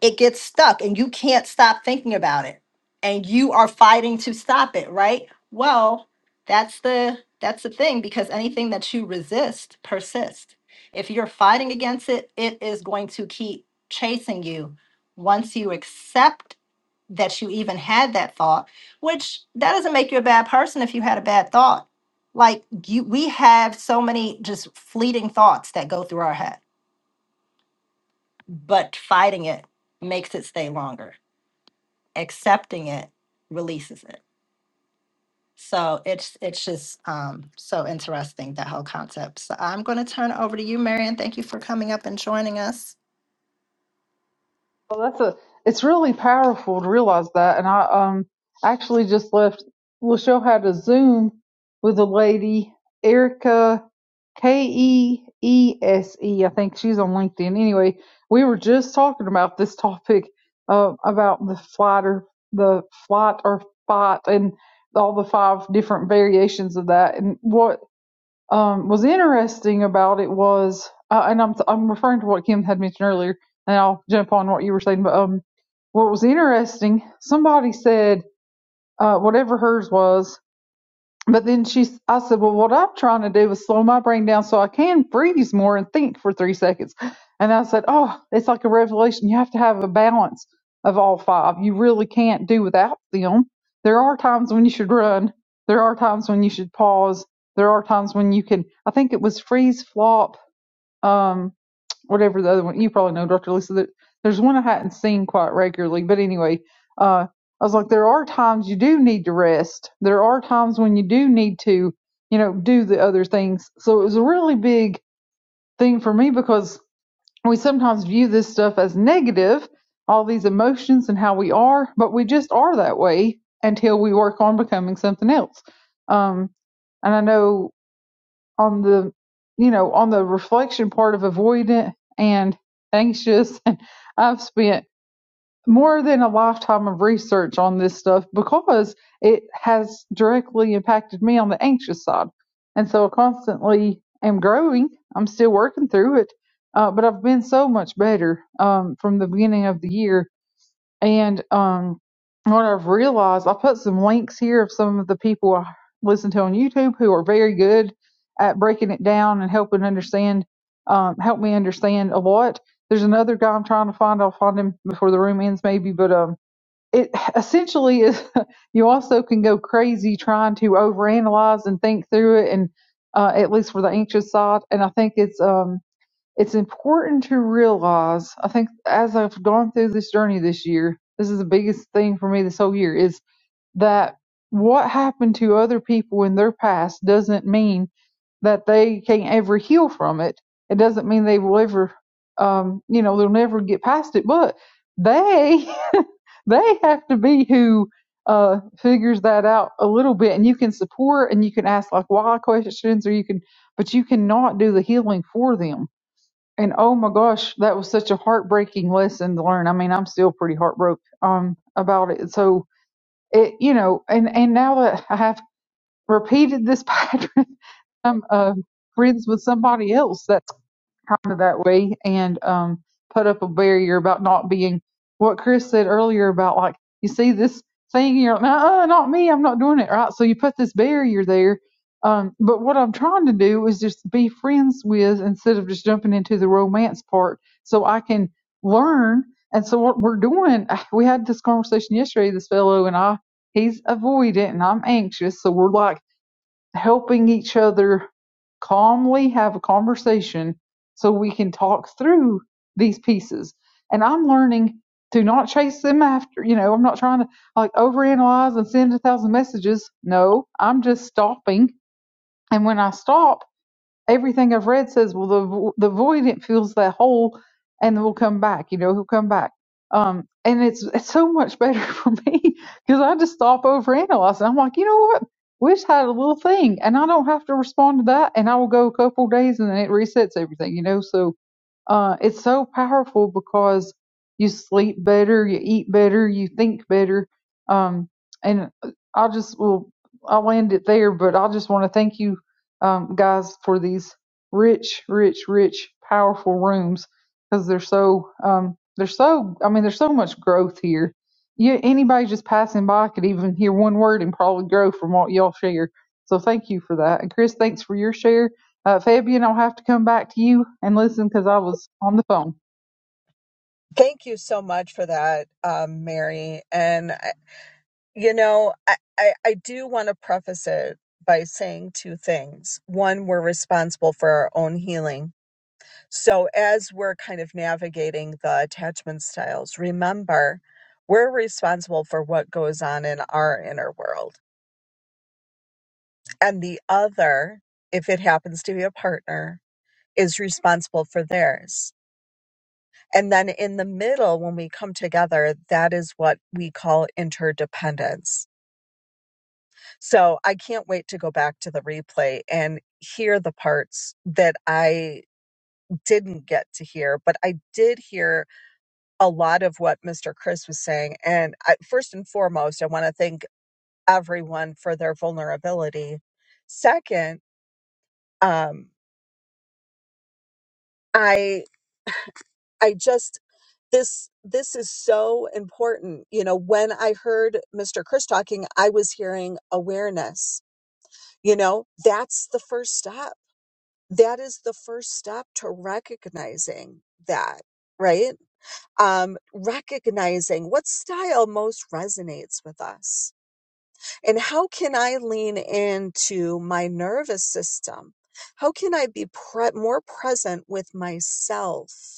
S2: it gets stuck and you can't stop thinking about it and you are fighting to stop it right well that's the that's the thing because anything that you resist persists if you're fighting against it it is going to keep chasing you once you accept that you even had that thought which that doesn't make you a bad person if you had a bad thought like you we have so many just fleeting thoughts that go through our head but fighting it makes it stay longer accepting it releases it. So it's it's just um, so interesting that whole concept. So I'm going to turn it over to you, Marion. Thank you for coming up and joining us.
S5: Well, that's a. It's really powerful to realize that, and I um actually just left. Lachelle had a Zoom with a lady, Erica K E E S E. I think she's on LinkedIn. Anyway, we were just talking about this topic uh, about the flight or the flight or fight and all the five different variations of that, and what um, was interesting about it was, uh, and I'm I'm referring to what Kim had mentioned earlier, and I'll jump on what you were saying. But um, what was interesting, somebody said uh, whatever hers was. But then she, I said, well, what I'm trying to do is slow my brain down so I can freeze more and think for three seconds. And I said, oh, it's like a revelation. You have to have a balance of all five. You really can't do without them. There are times when you should run. There are times when you should pause. There are times when you can, I think it was freeze, flop. um, whatever the other one you probably know dr lisa that there's one i hadn't seen quite regularly but anyway uh i was like there are times you do need to rest there are times when you do need to you know do the other things so it was a really big thing for me because we sometimes view this stuff as negative all these emotions and how we are but we just are that way until we work on becoming something else um and i know on the you know on the reflection part of avoidant and anxious and i've spent more than a lifetime of research on this stuff because it has directly impacted me on the anxious side and so i constantly am growing i'm still working through it uh, but i've been so much better um, from the beginning of the year and um, what I've realized, I put some links here of some of the people I listen to on YouTube who are very good at breaking it down and helping understand, um, help me understand a lot. There's another guy I'm trying to find. I'll find him before the room ends, maybe. But um, it essentially is you also can go crazy trying to overanalyze and think through it, and uh, at least for the anxious side. And I think it's um, it's important to realize i think as i've gone through this journey this year this is the biggest thing for me this whole year is that what happened to other people in their past doesn't mean that they can't ever heal from it it doesn't mean they will ever um you know they'll never get past it but they they have to be who uh figures that out a little bit and you can support and you can ask like why questions or you can but you cannot do the healing for them and oh my gosh, that was such a heartbreaking lesson to learn. I mean, I'm still pretty heartbroken um about it. So it you know, and and now that I have repeated this pattern, I'm uh, friends with somebody else kind of that way and um, put up a barrier about not being what Chris said earlier about like you see this thing you're like uh not me I'm not doing it right so you put this barrier there um, but what I'm trying to do is just be friends with instead of just jumping into the romance part so I can learn and so what we're doing we had this conversation yesterday this fellow and I he's avoidant and I'm anxious so we're like helping each other calmly have a conversation so we can talk through these pieces. And I'm learning to not chase them after, you know, I'm not trying to like overanalyze and send a thousand messages. No, I'm just stopping. And when I stop, everything I've read says, well, the vo- the void it fills that hole, and will come back. You know, he'll come back. Um, and it's it's so much better for me because I just stop over analyzing. I'm like, you know what? We just had a little thing, and I don't have to respond to that. And I will go a couple days, and then it resets everything. You know, so uh, it's so powerful because you sleep better, you eat better, you think better. Um, and I just will, I'll end it there, but I just want to thank you um, guys for these rich, rich, rich, powerful rooms because they're so, um, they're so, I mean, there's so much growth here. You, anybody just passing by could even hear one word and probably grow from what y'all share. So thank you for that. And Chris, thanks for your share uh, Fabian, I'll have to come back to you and listen because I was on the phone.
S1: Thank you so much for that, um, Mary. And, I- you know, I, I, I do want to preface it by saying two things. One, we're responsible for our own healing. So, as we're kind of navigating the attachment styles, remember we're responsible for what goes on in our inner world. And the other, if it happens to be a partner, is responsible for theirs. And then in the middle, when we come together, that is what we call interdependence. So I can't wait to go back to the replay and hear the parts that I didn't get to hear, but I did hear a lot of what Mr. Chris was saying. And I, first and foremost, I want to thank everyone for their vulnerability. Second, um, I I just this this is so important. You know, when I heard Mr. Chris talking, I was hearing awareness. You know, that's the first step. That is the first step to recognizing that, right? Um, recognizing what style most resonates with us and how can I lean into my nervous system? How can I be pre- more present with myself?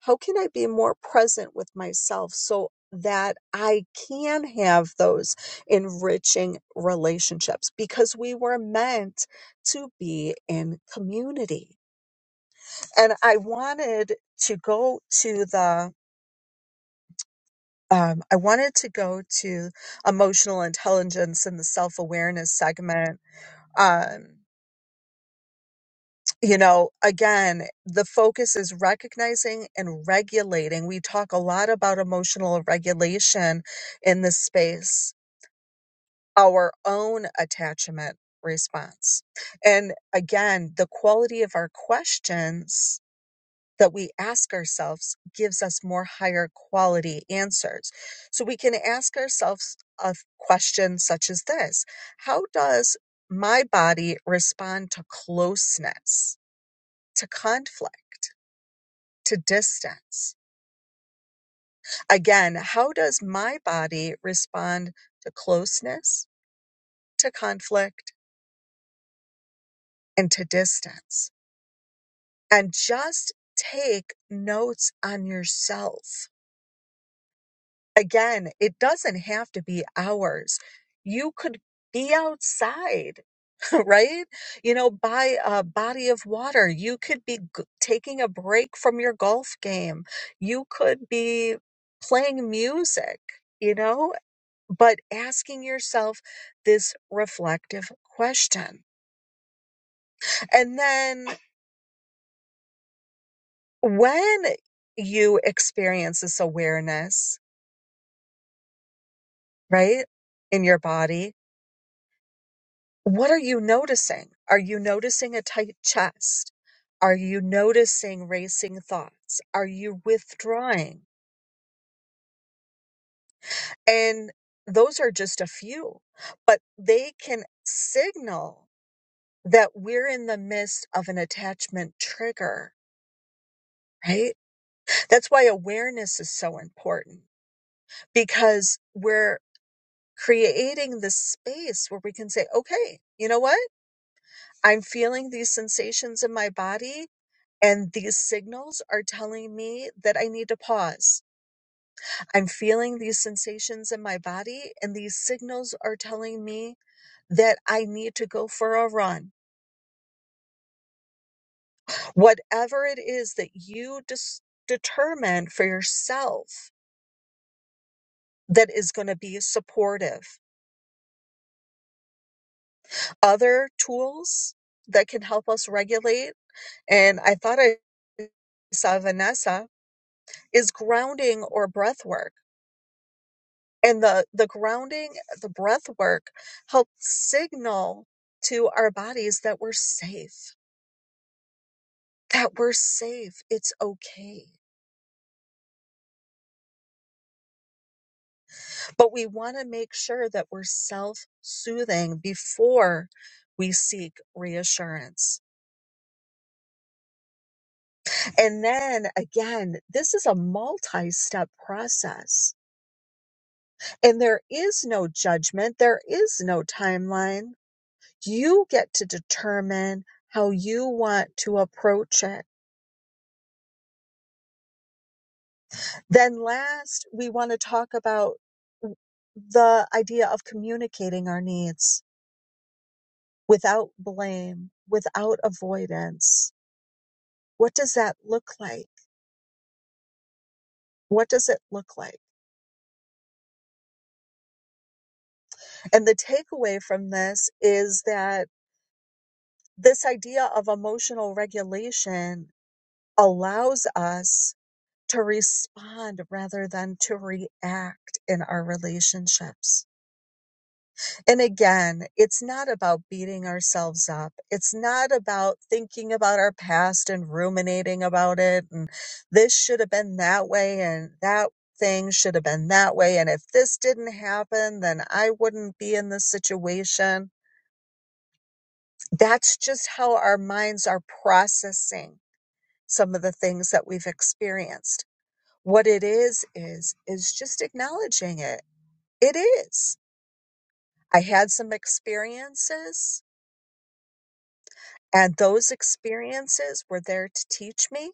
S1: How can I be more present with myself so that I can have those enriching relationships? Because we were meant to be in community. And I wanted to go to the um, I wanted to go to emotional intelligence and the self awareness segment. Um, you know, again, the focus is recognizing and regulating. We talk a lot about emotional regulation in this space, our own attachment response. And again, the quality of our questions that we ask ourselves gives us more higher quality answers. So we can ask ourselves a question such as this How does my body respond to closeness, to conflict? to distance. Again, how does my body respond to closeness, to conflict, and to distance? And just take notes on yourself. Again, it doesn't have to be hours. You could be outside, right? You know, by a body of water. You could be g- taking a break from your golf game. You could be playing music, you know? but asking yourself this reflective question. And then when you experience this awareness, right, in your body, what are you noticing? Are you noticing a tight chest? Are you noticing racing thoughts? Are you withdrawing? And those are just a few, but they can signal that we're in the midst of an attachment trigger, right? That's why awareness is so important because we're creating this space where we can say, okay, you know what? I'm feeling these sensations in my body. And these signals are telling me that I need to pause. I'm feeling these sensations in my body, and these signals are telling me that I need to go for a run. Whatever it is that you dis- determine for yourself that is going to be supportive other tools that can help us regulate. And I thought I saw Vanessa is grounding or breath work. And the, the grounding, the breath work helps signal to our bodies that we're safe, that we're safe. It's okay. But we want to make sure that we're self soothing before we seek reassurance. And then again, this is a multi step process And there is no judgment, there is no timeline. You get to determine how you want to approach it. Then, last, we want to talk about the idea of communicating our needs without blame, without avoidance. What does that look like? What does it look like? And the takeaway from this is that this idea of emotional regulation allows us to respond rather than to react in our relationships. And again, it's not about beating ourselves up. It's not about thinking about our past and ruminating about it. And this should have been that way and that thing should have been that way. And if this didn't happen, then I wouldn't be in this situation. That's just how our minds are processing some of the things that we've experienced What it is, is, is just acknowledging it. It is. I had some experiences, and those experiences were there to teach me.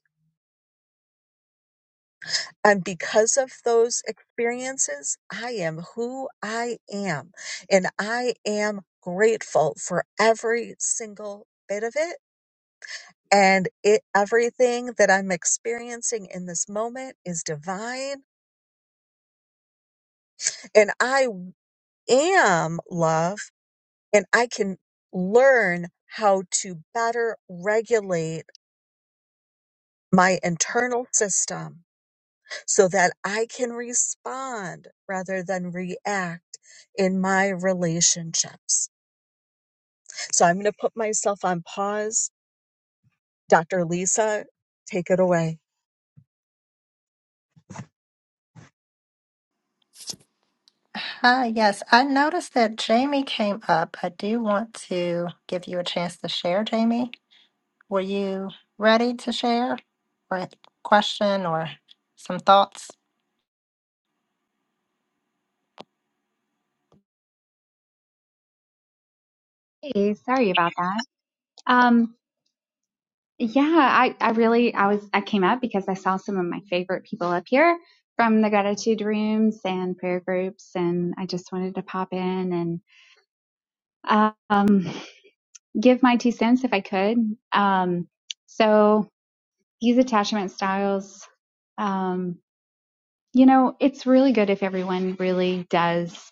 S1: And because of those experiences, I am who I am. And I am grateful for every single bit of it. And it, everything that I'm experiencing in this moment is divine. And I am love and I can learn how to better regulate my internal system so that I can respond rather than react in my relationships. So I'm going to put myself on pause. Dr. Lisa, take it away.
S2: Hi, yes, I noticed that Jamie came up. I do want to give you a chance to share, Jamie. Were you ready to share or a question or some thoughts?
S6: Hey, sorry about that. Um, yeah, I, I really, I was, I came up because I saw some of my favorite people up here from the gratitude rooms and prayer groups, and I just wanted to pop in and um, give my two cents if I could. Um, so these attachment styles, um, you know, it's really good if everyone really does.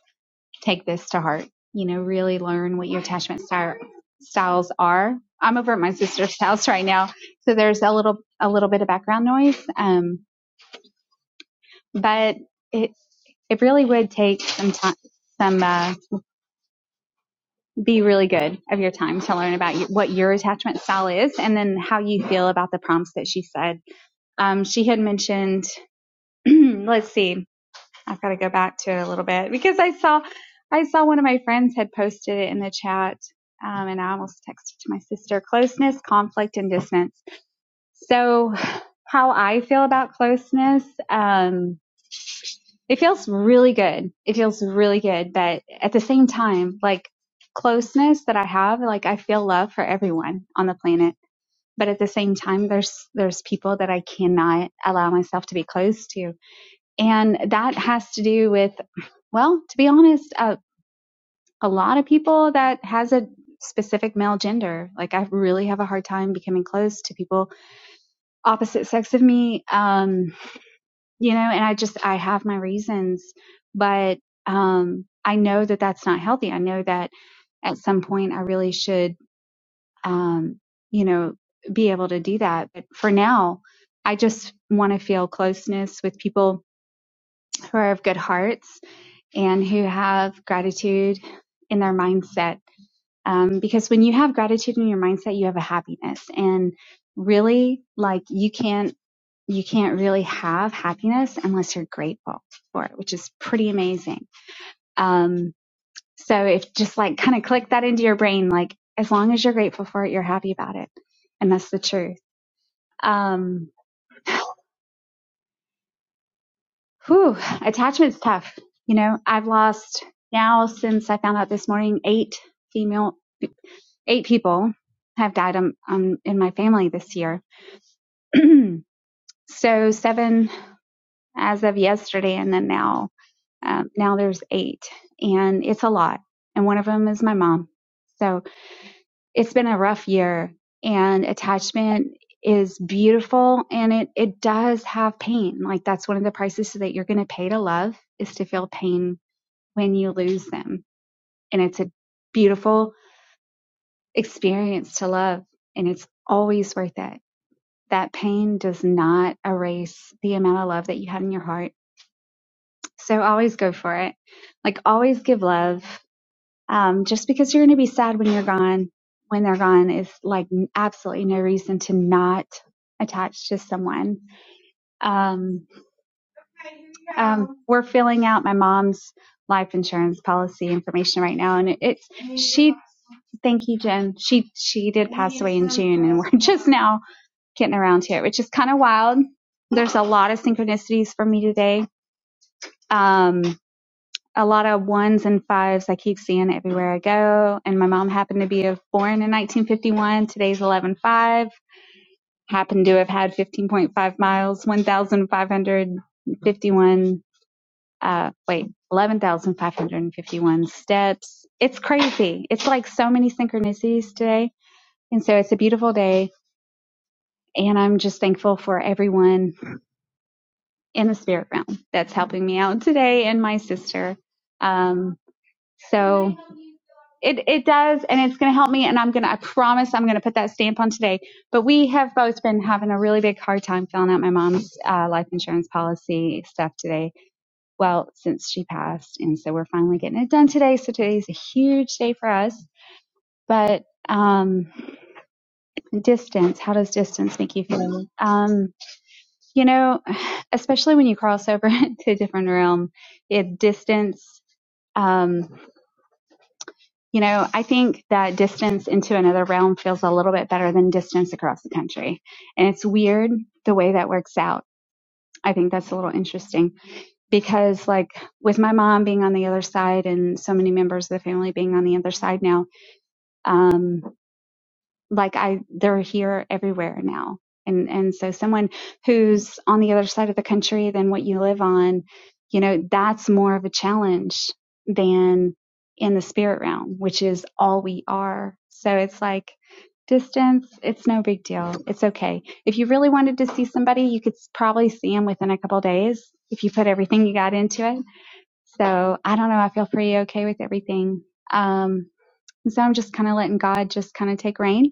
S6: take this to heart. You know, really learn what your attachment style, styles are. I'm over at my sister's house right now, so there's a little a little bit of background noise. Um, but it it really would take some time, some uh, be really good of your time to learn about you, what your attachment style is, and then how you feel about the prompts that she said. Um, she had mentioned. let's see. I've got to go back to it a little bit because I saw I saw one of my friends had posted it in the chat, um, and I almost texted to my sister: closeness, conflict, and distance. So, how I feel about closeness, um, it feels really good. It feels really good, but at the same time, like closeness that I have, like I feel love for everyone on the planet. But at the same time, there's there's people that I cannot allow myself to be close to and that has to do with, well, to be honest, uh, a lot of people that has a specific male gender. Like I really have a hard time becoming close to people opposite sex of me. Um, you know, and I just, I have my reasons, but, um, I know that that's not healthy. I know that at some point I really should, um, you know, be able to do that. But for now, I just want to feel closeness with people who are of good hearts and who have gratitude in their mindset. Um, because when you have gratitude in your mindset, you have a happiness and really like you can't, you can't really have happiness unless you're grateful for it, which is pretty amazing. Um, so if just like kind of click that into your brain, like as long as you're grateful for it, you're happy about it. And that's the truth. Um, whew, attachment's tough. You know, I've lost now since I found out this morning, eight female eight people have died um, um, in my family this year. so seven as of yesterday, and then now um, now there's eight, and it's a lot. And one of them is my mom. So it's been a rough year, and attachment is beautiful, and it it does have pain. Like that's one of the prices that you're going to pay to love is to feel pain when you lose them, and it's a beautiful experience to love, and it's always worth it that pain does not erase the amount of love that you had in your heart. So always go for it. Like always give love. Um, just because you're going to be sad when you're gone, when they're gone is like n- absolutely no reason to not attach to someone. Um, um, we're filling out my mom's life insurance policy information right now. And it, it's, she, thank you, Jen. She, she did pass away in June and we're just now getting around here, which is kind of wild. There's a lot of synchronicities for me today. Um, a lot of ones and fives I keep seeing everywhere I go. And my mom happened to be born in 1951. Today's 11.5. Happened to have had 15.5 miles, 1,551, uh, wait, 11,551 steps. It's crazy. It's like so many synchronicities today. And so it's a beautiful day. And I'm just thankful for everyone in the spirit realm. That's helping me out today and my sister. Um, so it, it does, and it's going to help me. And I'm going to, I promise I'm going to put that stamp on today. But we have both been having a really big hard time filling out my mom's uh, life insurance policy stuff today. Well, since she passed. And so we're finally getting it done today. So today's a huge day for us. But um, distance, how does distance make you feel? Um, You know, especially when you cross over to a different realm, it distance. Um, you know, I think that distance into another realm feels a little bit better than distance across the country. And it's weird the way that works out. I think that's a little interesting because, like, with my mom being on the other side and so many members of the family being on the other side now, um, like I they're here everywhere now. And and so someone who's on the other side of the country than what you live on, you know, that's more of a challenge than in the spirit realm, which is all we are. So it's like distance, it's no big deal. It's okay. If you really wanted to see somebody, you could probably see them within a couple of days if you put everything you got into it. So I don't know. I feel pretty okay with everything. Um, and so I'm just kind of letting God just kind of take reign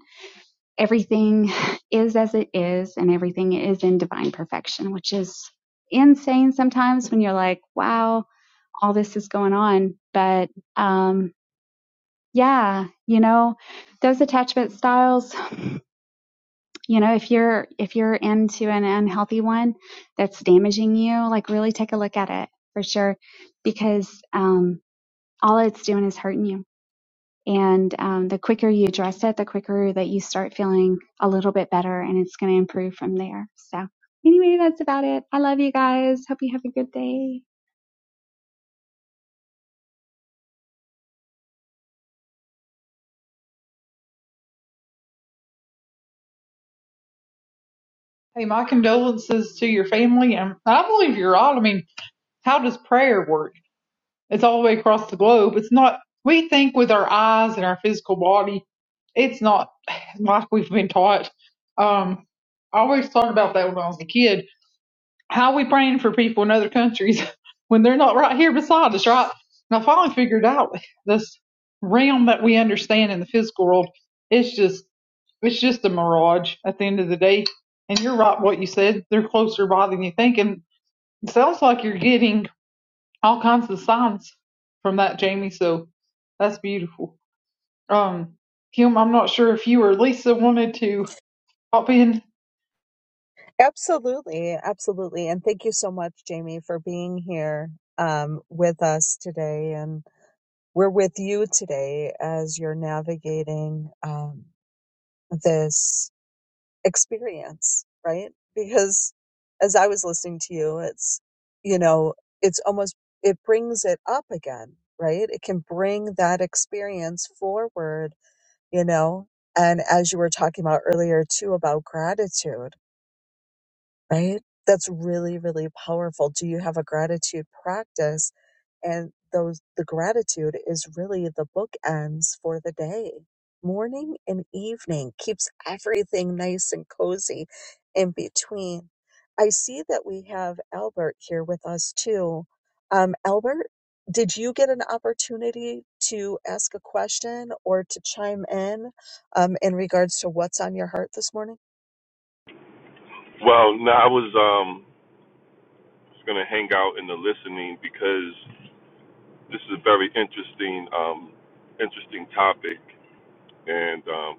S6: everything is as it is and everything is in divine perfection, which is insane sometimes when you're like, wow, all this is going on. But um yeah, you know, those attachment styles, you know, if you're if you're into an unhealthy one that's damaging you, like really take a look at it for sure because um all it's doing is hurting you And um, the quicker you address it, the quicker that you start feeling a little bit better and it's going to improve from there. So, anyway, that's about it. I love you guys. Hope you have a good day.
S5: Hey, my condolences to your family. And I believe you're right. I mean, how does prayer work? It's all the way across the globe. It's not, we think with our eyes and our physical body, it's not like we've been taught. Um, I always thought about that when I was a kid How are we praying for people in other countries when they're not right here beside us, right? And I finally figured out this realm that we understand in the physical world. It's just it's just a mirage at the end of the day. And you're right what you said. They're closer by than you think. And it sounds like you're getting all kinds of signs from that, Jamie. So that's beautiful. Um, Kim, I'm not sure if you or Lisa wanted to pop in
S1: Absolutely. Absolutely. And thank you so much, Jamie, for being here um, with us today. And we're with you today as you're navigating um, this experience, right? Because as I was listening to you, it's, you know, it's almost, it brings it up again, right? It can bring that experience forward, you know? And as you were talking about earlier too about gratitude, right? That's really, really powerful. Do you have a gratitude practice? And those, the gratitude is really the bookends for the day. Morning and evening keeps everything nice and cozy in between. I see that we have Albert here with us too. Um, Albert, did you get an opportunity to ask a question or to chime in um, in regards to what's on your heart this morning?
S7: Well, no, I was um going to hang out in the listening because this is a very interesting um interesting topic, and um,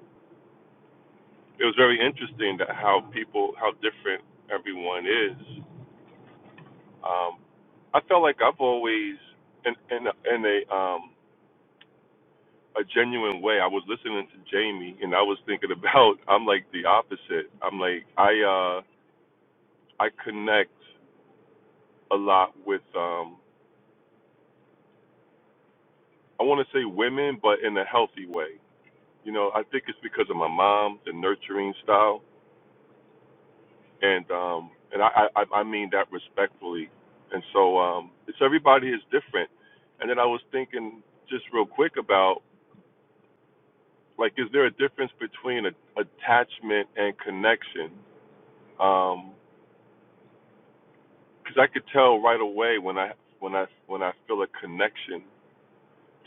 S7: it was very interesting that how people how different everyone is. Um, I felt like I've always in in a, in a um a genuine way. I was listening to Jamie, and I was thinking about I'm like the opposite. I'm like I uh I connect a lot with um I want to say women, but in a healthy way You know, I think it's because of my mom, the nurturing style, and um, and I, I I mean that respectfully. And so um, it's everybody is different. And then I was thinking just real quick about like, is there a difference between a, attachment and connection? Because I could tell right away when I when I when I feel a connection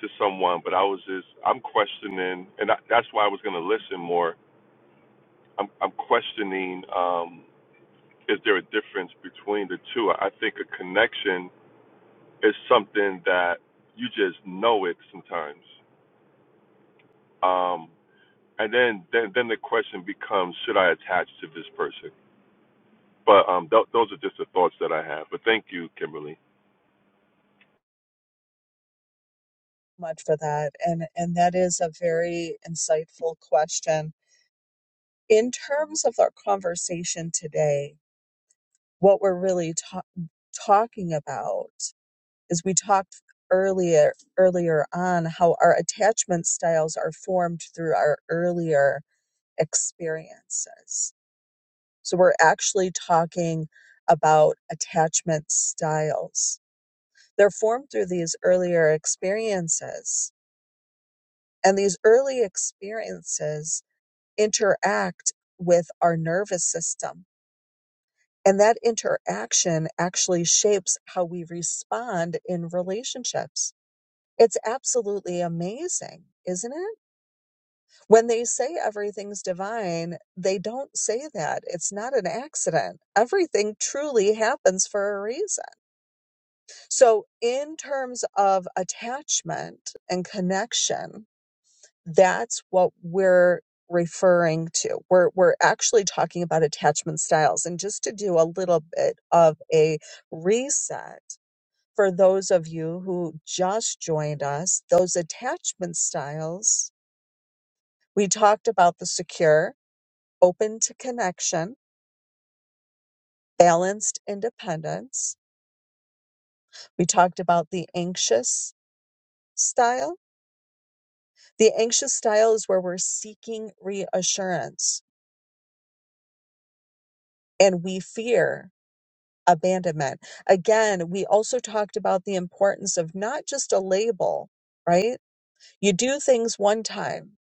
S7: to someone, but I was just I'm questioning, and I, that's why I was going to listen more. I'm I'm questioning. Um, is there a difference between the two? I think a connection is something that you just know it sometimes. Um, and then, then, then the question becomes, should I attach to this person? But um, th- those are just the thoughts that I have. But thank you, Kimberly.
S1: much for that and and that is a very insightful question in terms of our conversation today what we're really ta- talking about is we talked earlier earlier on how our attachment styles are formed through our earlier experiences so we're actually talking about attachment styles they're formed through these earlier experiences and these early experiences interact with our nervous system. And that interaction actually shapes how we respond in relationships. It's absolutely amazing, isn't it? When they say everything's divine, they don't say that. It's not an accident. Everything truly happens for a reason. So, in terms of attachment and connection, that's what we're referring to. We're we're actually talking about attachment styles and just to do a little bit of a reset for those of you who just joined us, those attachment styles, we talked about the secure, open to connection, balanced independence. We talked about the anxious style. The anxious style is where we're seeking reassurance and we fear abandonment. Again, we also talked about the importance of not just a label, right? You do things one time,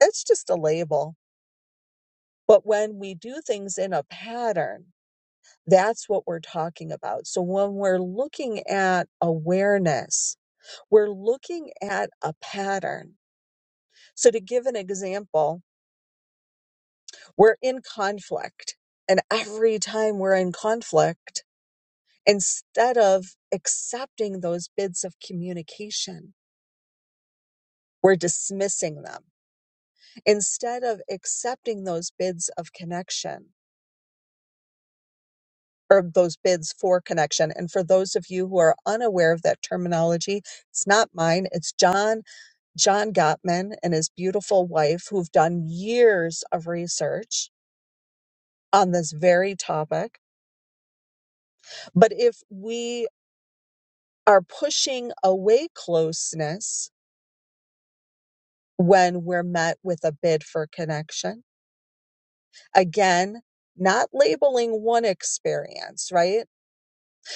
S1: it's just a label. But when we do things in a pattern, that's what we're talking about. So when we're looking at awareness, we're looking at a pattern. So to give an example, we're in conflict. And every time we're in conflict, instead of accepting those bids of communication. We're dismissing them instead of accepting those bids of connection or those bids for connection. And for those of you who are unaware of that terminology, it's not mine. It's John, John Gottman and his beautiful wife who've done years of research on this very topic. But if we are pushing away closeness when we're met with a bid for connection, again, not labeling one experience, right?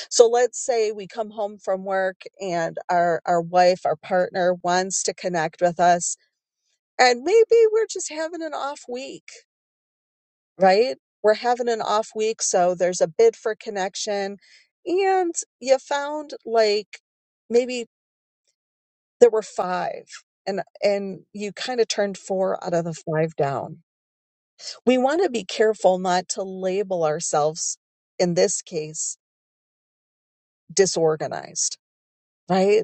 S1: So let's say we come home from work and our, our wife, our partner wants to connect with us, and maybe we're just having an off week, right? We're having an off week, so there's a bid for connection. And you found like maybe there were five. And, and you kind of turned four out of the five down. We want to be careful not to label ourselves, in this case, disorganized, right?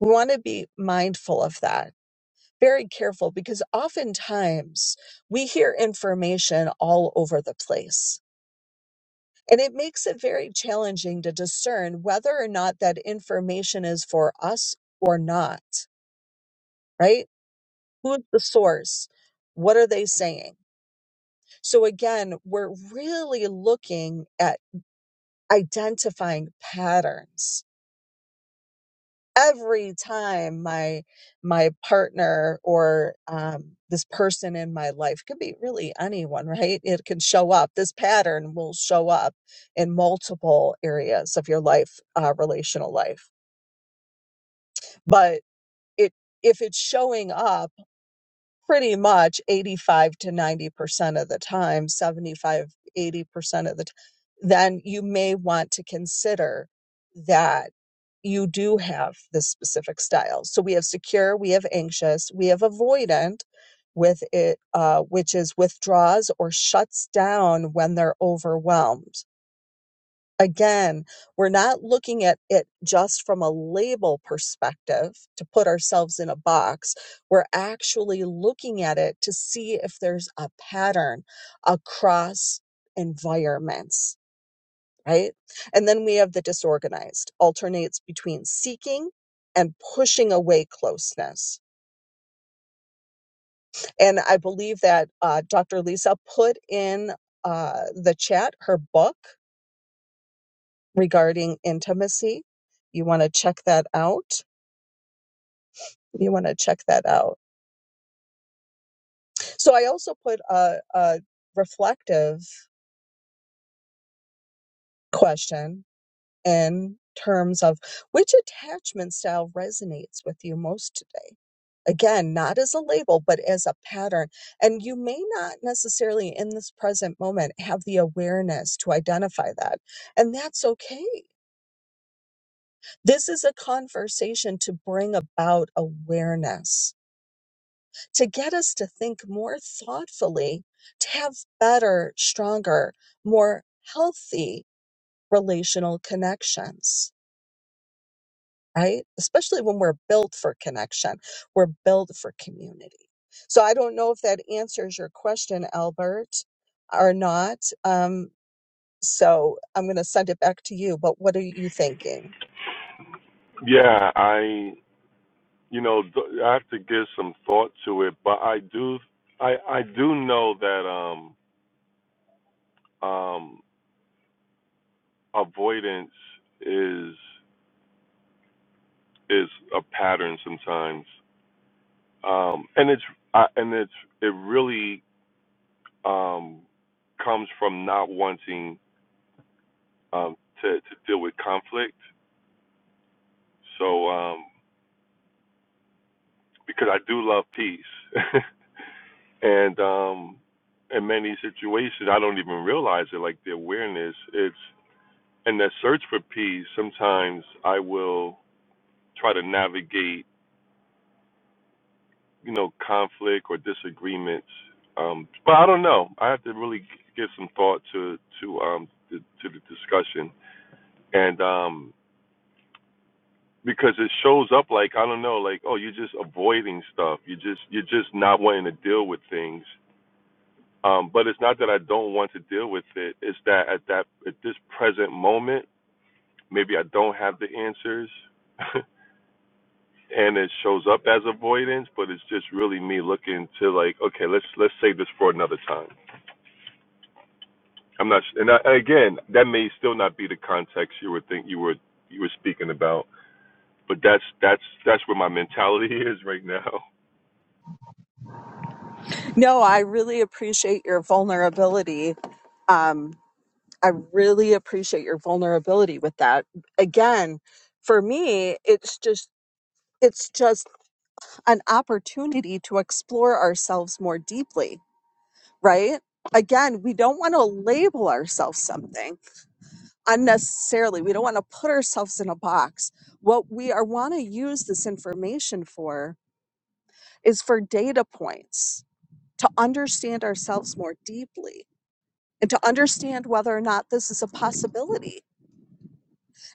S1: We want to be mindful of that, very careful, because oftentimes we hear information all over the place. And it makes it very challenging to discern whether or not that information is for us or not, right? Who's the source? What are they saying? So, again, we're really looking at identifying patterns every time my my partner or um, this person in my life could be really anyone right it can show up this pattern will show up in multiple areas of your life uh, relational life but it if it's showing up pretty much 85 to 90% of the time, seventy-five, eighty percent of the time, then you may want to consider that you do have this specific style. So we have secure, we have anxious, we have avoidant with it, uh, which is withdraws or shuts down when they're overwhelmed again, we're not looking at it just from a label perspective to put ourselves in a box. We're actually looking at it to see if there's a pattern across environments, right? And then we have the disorganized, alternates between seeking and pushing away closeness. And I believe that uh, Dr. Lisa put in uh, the chat her book regarding intimacy. You want to check that out. You want to check that out. So I also put a, a reflective question in terms of which attachment style resonates with you most today. Again, not as a label, but as a pattern. And you may not necessarily in this present moment have the awareness to identify that. And that's okay. This is a conversation to bring about awareness to get us to think more thoughtfully, to have better, stronger, more healthy relational connections, right? Especially when we're built for connection, we're built for community. So I don't know if that answers your question, Albert, or not. Um, so I'm going to send it back to you, but what are you thinking?
S7: Yeah, I, you know, th- I have to give some thought to it, but I do, I, I do know that um, um, avoidance is is a pattern sometimes um, and it's I and it's it really um, comes from not wanting um, to to deal with conflict. So um, because I do love peace, and um, in many situations I don't even realize it. Like the awareness, it's and that search for peace. Sometimes I will try to navigate, you know, conflict or disagreements. Um, but I don't know. I have to really give some thought to to um to, to the discussion and um because it shows up like I don't know, like oh you're just avoiding stuff. You just you're just not wanting to deal with things. Um, but it's not that I don't want to deal with it. It's that at that at this present moment, maybe I don't have the answers, and it shows up as avoidance. But it's just really me looking to like, okay, let's let's save this for another time. I'm not, s- and I, and again, that may still not be the context you were think you were you were speaking about, but that's that's that's where my mentality is right now.
S1: No, I really appreciate your vulnerability. Um, I really appreciate your vulnerability with that. Again, for me, it's just it's just an opportunity to explore ourselves more deeply, right? Again, we don't want to label ourselves something unnecessarily. We don't want to put ourselves in a box. What we are want to use this information for is for data points to understand ourselves more deeply and to understand whether or not this is a possibility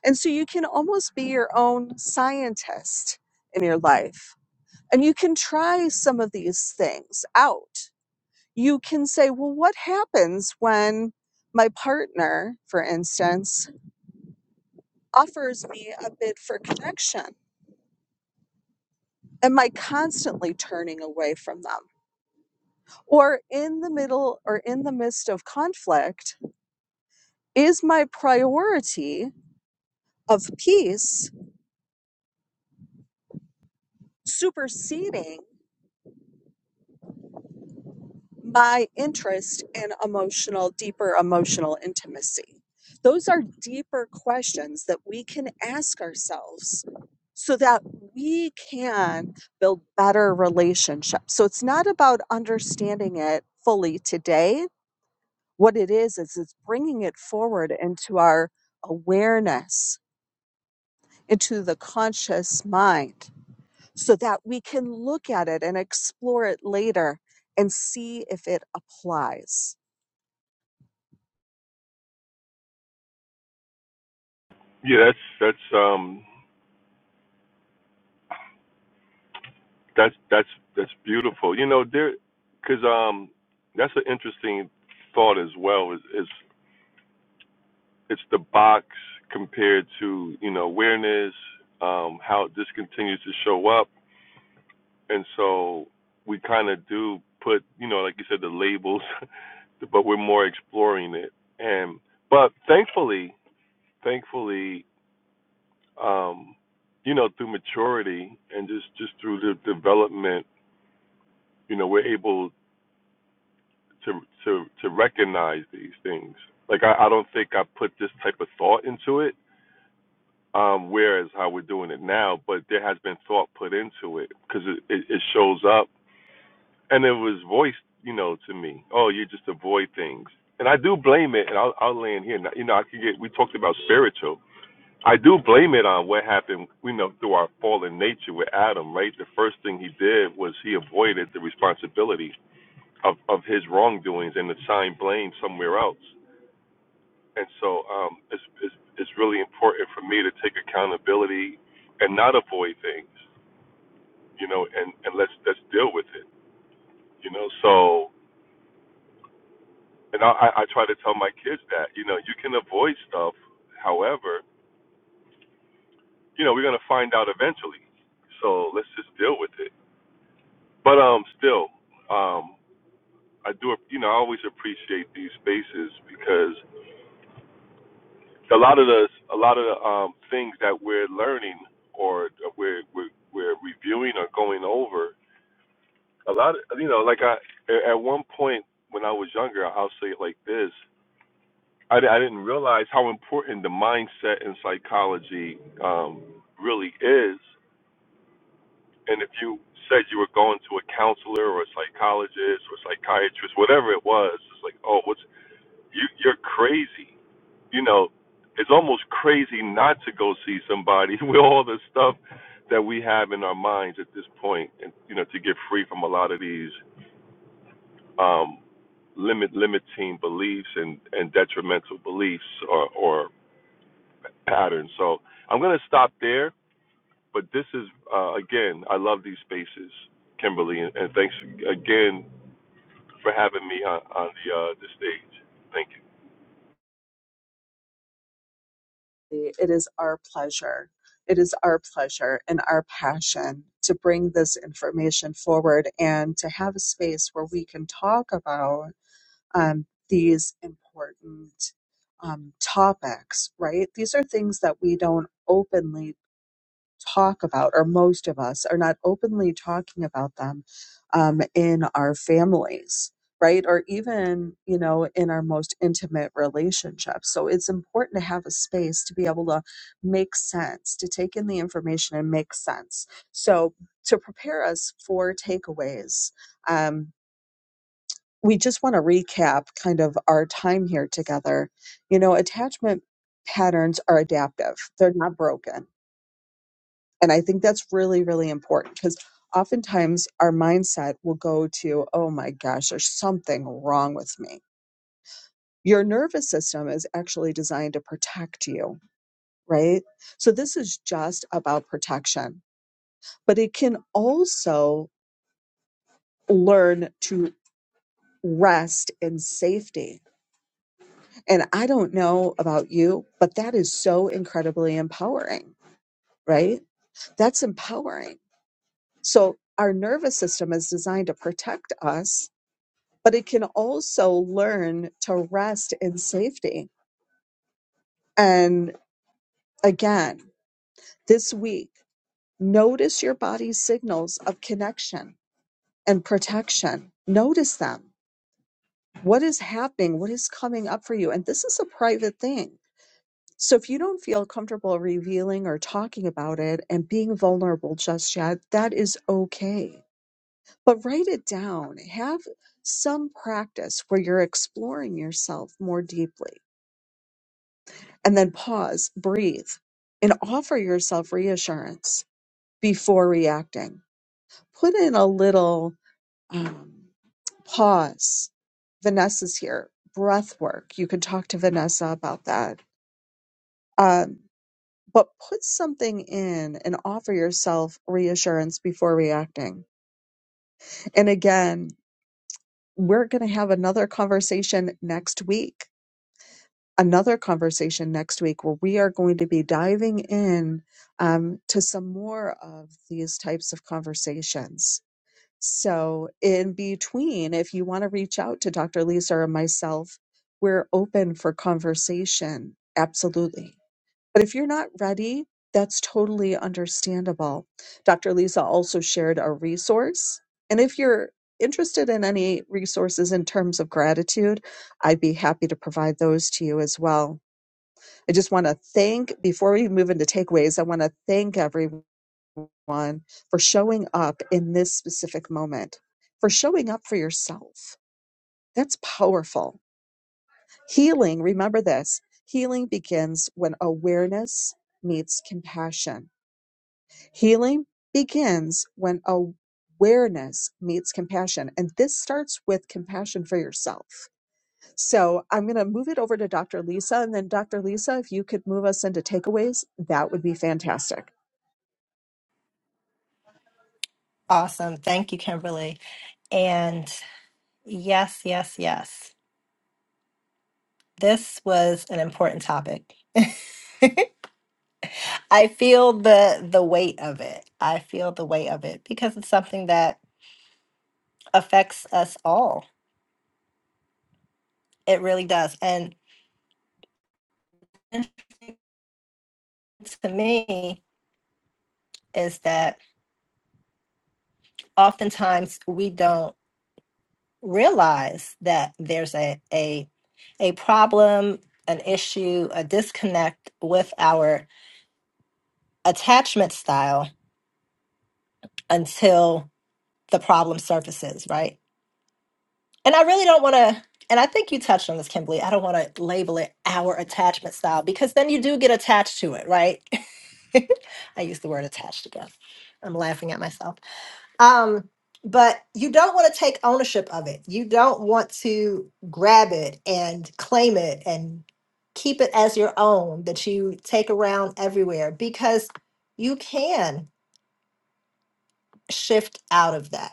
S1: And so you can almost be your own scientist in your life. And you can try some of these things out. You can say, well, what happens when my partner, for instance, offers me a bid for connection? Am I constantly turning away from them? Or in the middle or in the midst of conflict, is my priority of peace superseding? my interest in emotional, deeper emotional intimacy? Those are deeper questions that we can ask ourselves so that we can build better relationships. So it's not about understanding it fully today. What it is, is it's bringing it forward into our awareness, into the conscious mind, so that we can look at it and explore it later and see if it applies.
S7: Yeah, that's that's um that's that's that's beautiful. You know, there cuz um that's an interesting thought as well is is it's the box compared to, you know, awareness, um how this continues to show up. And so we kind of do put, you know, like you said the labels, but we're more exploring it. And but thankfully, thankfully um you know, through maturity and just just through the development you know, we're able to to to recognize these things. Like I, I don't think I put this type of thought into it, um, whereas how we're doing it now, but there has been thought put into it because it, it, it shows up and it was voiced, you know, to me. Oh, you just avoid things, and I do blame it. And I'll, I'll land here. You know, I can get. We talked about spiritual. I do blame it on what happened, you know, through our fallen nature with Adam, right? The first thing he did was he avoided the responsibility of of his wrongdoings and assign blame somewhere else. And so um, it's, it's it's really important for me to take accountability and not avoid things, you know, and and let's let's deal with it, you know. So and I I try to tell my kids that you know you can avoid stuff, however, you know we're gonna find out eventually. So let's just deal with it. But um, still, um, I do you know I always appreciate these spaces because a lot of the a lot of the um, things that we're learning or we're, we're we're reviewing or going over. A lot, of, you know, like I at one point when I was younger, I'll say it like this: I, I didn't realize how important the mindset in psychology um, really is. And if you said you were going to a counselor or a psychologist or psychiatrist, whatever it was, it's like, oh, what's you? You're crazy you know, it's almost crazy not to go see somebody with all the stuff that we have in our minds at this point, and you know, to get free from a lot of these um, limit limiting beliefs and and detrimental beliefs or, or patterns. So I'm gonna stop there. But this is uh, again, I love these spaces, Kimberly, and, and thanks again for having me on, on the uh, the stage. Thank you.
S1: It is our pleasure. It is our pleasure and our passion to bring this information forward and to have a space where we can talk about um, these important um, topics, right? These are things that we don't openly talk about, or most of us are not openly talking about them um, in our families, right? Or even, you know, in our most intimate relationships. So it's important to have a space to be able to make sense, to take in the information and make sense. So to prepare us for takeaways, um, we just want to recap kind of our time here together. You know, attachment patterns are adaptive, they're not broken and I think that's really, really important because oftentimes our mindset will go to, oh my gosh, there's something wrong with me. Your nervous system is actually designed to protect you, right? So this is just about protection, but it can also learn to rest in safety. And I don't know about you, but that is so incredibly empowering, right? That's empowering. So our nervous system is designed to protect us but it can also learn to rest in safety. And again, this week, notice your body's signals of connection and protection. Notice them. What is happening? What is coming up for you? And this is a private thing. So if you don't feel comfortable revealing or talking about it and being vulnerable just yet, that is okay. But write it down. Have some practice where you're exploring yourself more deeply and then pause, breathe, and offer yourself reassurance before reacting. Put in a little um, pause. Vanessa's here. Breath work. You can talk to Vanessa about that. Um, but put something in and offer yourself reassurance before reacting. And again, we're going to have another conversation next week another conversation next week where we are going to be diving in um, to some more of these types of conversations. So, in between, if you want to reach out to Dr. Lisa or myself, we're open for conversation. Absolutely. But if you're not ready, that's totally understandable. Dr. Lisa also shared a resource. And if you're interested in any resources in terms of gratitude, I'd be happy to provide those to you as well. I just want to thank, before we move into takeaways, I want to thank everyone for showing up in this specific moment, for showing up for yourself. That's powerful. Healing, remember this healing begins when awareness meets compassion. Healing begins when awareness meets compassion. And this starts with compassion for yourself. So I'm going to move it over to Dr. Lisa. And then, Dr. Lisa, if you could move us into takeaways, that would be fantastic.
S2: Awesome. Thank you, Kimberly. And yes, yes, yes. This was an important topic. I feel the the weight of it. I feel the weight of it because it's something that affects us all. It really does. And to me is that oftentimes we don't realize that there's a a a problem, an issue, a disconnect with our attachment style until the problem surfaces, right? And I really don't want to, and I think you touched on this, Kimberly. I don't want to label it our attachment style because then you do get attached to it, right? I used the word attached again. I'm laughing at myself. Um, but you don't want to take ownership of it. You don't want to grab it and claim it and keep it as your own that you take around everywhere because you can shift out of that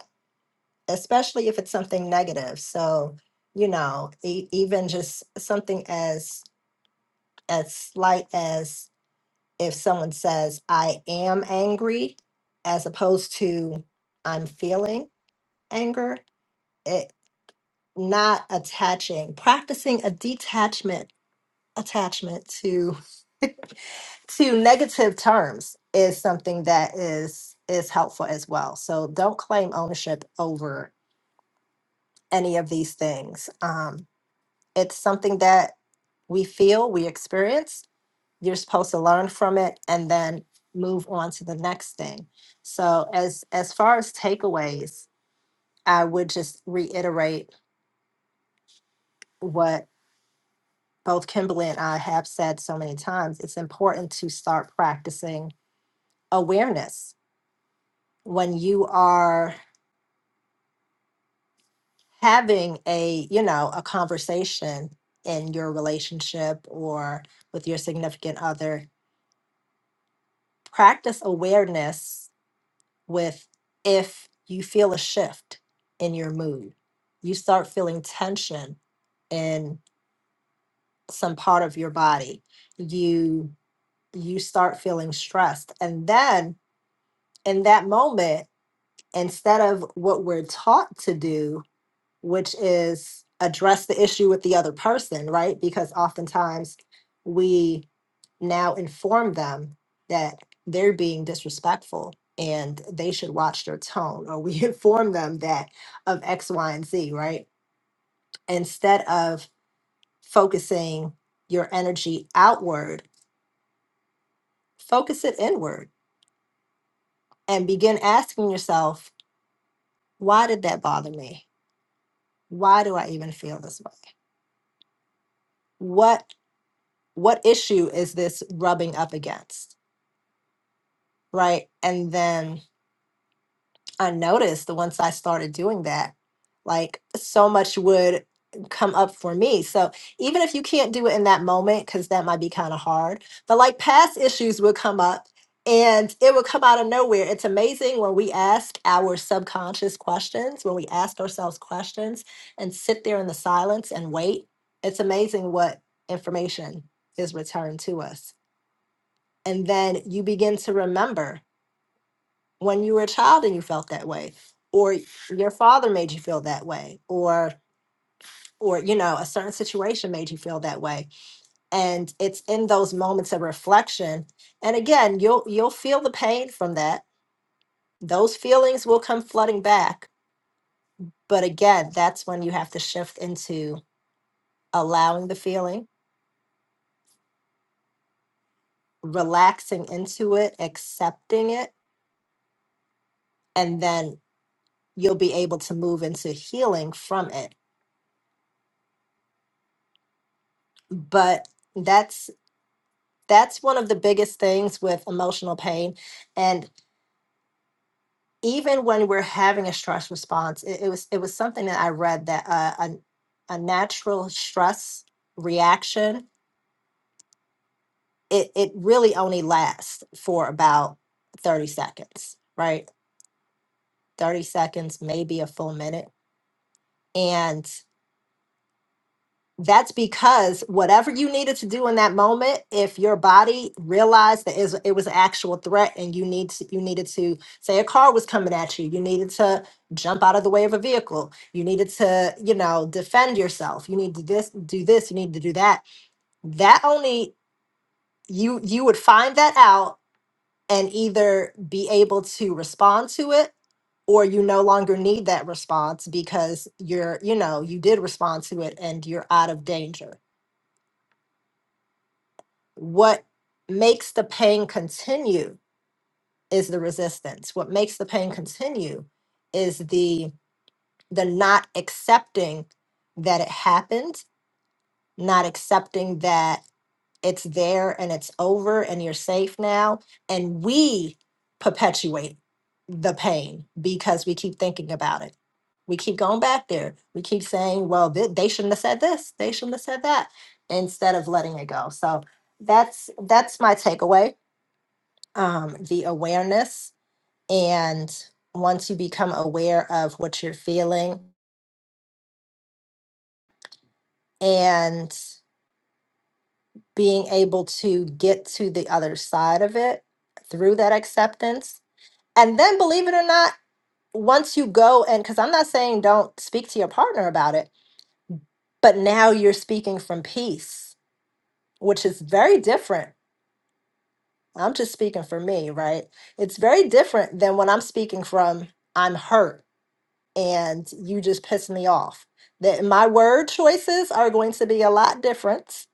S2: especially if it's something negative. So, you know, e- even just something as as slight as if someone says I am angry as opposed to I'm feeling anger, it not attaching, practicing a detachment attachment to to negative terms is something that is is helpful as well. So don't claim ownership over any of these things. Um. It's something that we feel, we experience. You're supposed to learn from it and then move on to the next thing. So as as far as takeaways, I would just reiterate what both Kimberly and I have said so many times. It's important to start practicing awareness when you are having a, you know, a conversation in your relationship or with your significant other. Practice awareness with if you feel a shift in your mood, you start feeling tension in some part of your body, you you start feeling stressed. And then in that moment, instead of what we're taught to do, which is address the issue with the other person, right? Because oftentimes we now inform them that they're being disrespectful and they should watch their tone, or we inform them that of X, Y, and Z, right? Instead of focusing your energy outward, focus it inward and begin asking yourself, why did that bother me? Why do I even feel this way? What what issue is this rubbing up against? Right. And then I noticed that once I started doing that, like so much would come up for me. So even if you can't do it in that moment, because that might be kind of hard, but like past issues would come up and it would come out of nowhere. It's amazing when we ask our subconscious questions, when we ask ourselves questions and sit there in the silence and wait. It's amazing what information is returned to us. and then you begin to remember when you were a child and you felt that way or your father made you feel that way or or you know a certain situation made you feel that way and it's in those moments of reflection and again you'll you'll feel the pain from that those feelings will come flooding back but again that's when you have to shift into allowing the feeling relaxing into it accepting it and then you'll be able to move into healing from it but that's that's one of the biggest things with emotional pain and even when we're having a stress response it, it was it was something that i read that uh, a, a natural stress reaction it, it really only lasts for about 30 seconds right 30 seconds maybe a full minute and That's because whatever you needed to do in that moment, if your body realized that is- it was an actual threat and you need to, you needed to say a car was coming at you, you needed to jump out of the way of a vehicle, you needed to, you know, defend yourself, you need to this do this, you need to do that. That only you you would find that out and either be able to respond to it or you no longer need that response because you're you know you did respond to it and you're out of danger what makes the pain continue is the resistance what makes the pain continue is the the not accepting that it happened not accepting that it's there and it's over and you're safe now and we perpetuate the pain because we keep thinking about it we keep going back there we keep saying well th- they shouldn't have said this they shouldn't have said that instead of letting it go so that's that's my takeaway um, the awareness. And once you become aware of what you're feeling and being able to get to the other side of it through that acceptance. And then, believe it or not, once you go and because I'm not saying don't speak to your partner about it, but now you're speaking from peace, which is very different. I'm just speaking for me, right? It's very different than when I'm speaking from I'm hurt and you just piss me off. That my word choices are going to be a lot different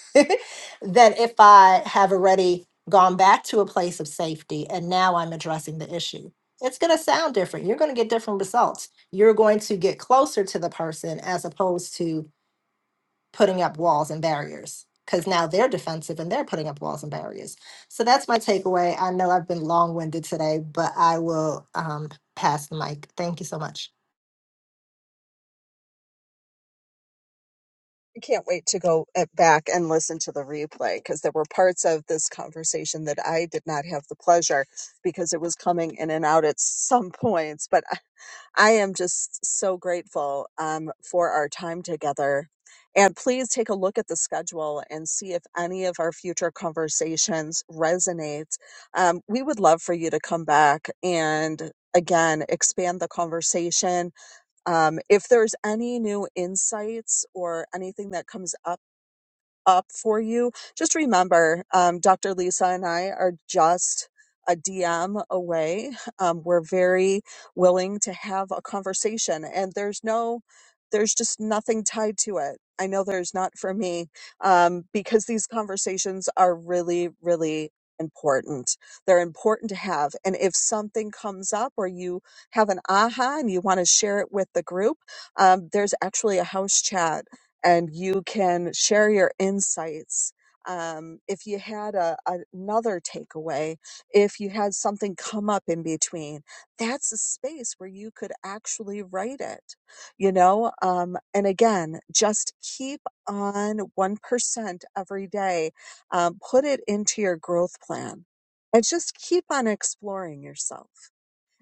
S2: than if I have already gone back to a place of safety and now I'm addressing the issue. It's going to sound different. You're going to get different results. You're going to get closer to the person as opposed to putting up walls and barriers because now they're defensive and they're putting up walls and barriers. So that's my takeaway. I know I've been long winded today, but I will um, pass the mic. Thank you so much.
S1: I can't wait to go at- back and listen to the replay because there were parts of this conversation that I did not have the pleasure because it was coming in and out at some points. But I am just so grateful um, for our time together. And please take a look at the schedule and see if any of our future conversations resonate. Um, we would love for you to come back and again expand the conversation. Um, if there's any new insights or anything that comes up, up for you. Just remember, um, Dr. Lisa and I are just a DM away. Um, we're very willing to have a conversation, and there's no, there's just nothing tied to it. I know there's not for me um, because these conversations are really, really important. They're important to have. And if something comes up or you have an aha and you want to share it with the group, um, there's actually a house chat and you can share your insights. Um, if you had a, another takeaway, if you had something come up in between, that's a space where you could actually write it, you know? Um, and again, just keep on 1% every day. Um, put it into your growth plan and just keep on exploring yourself.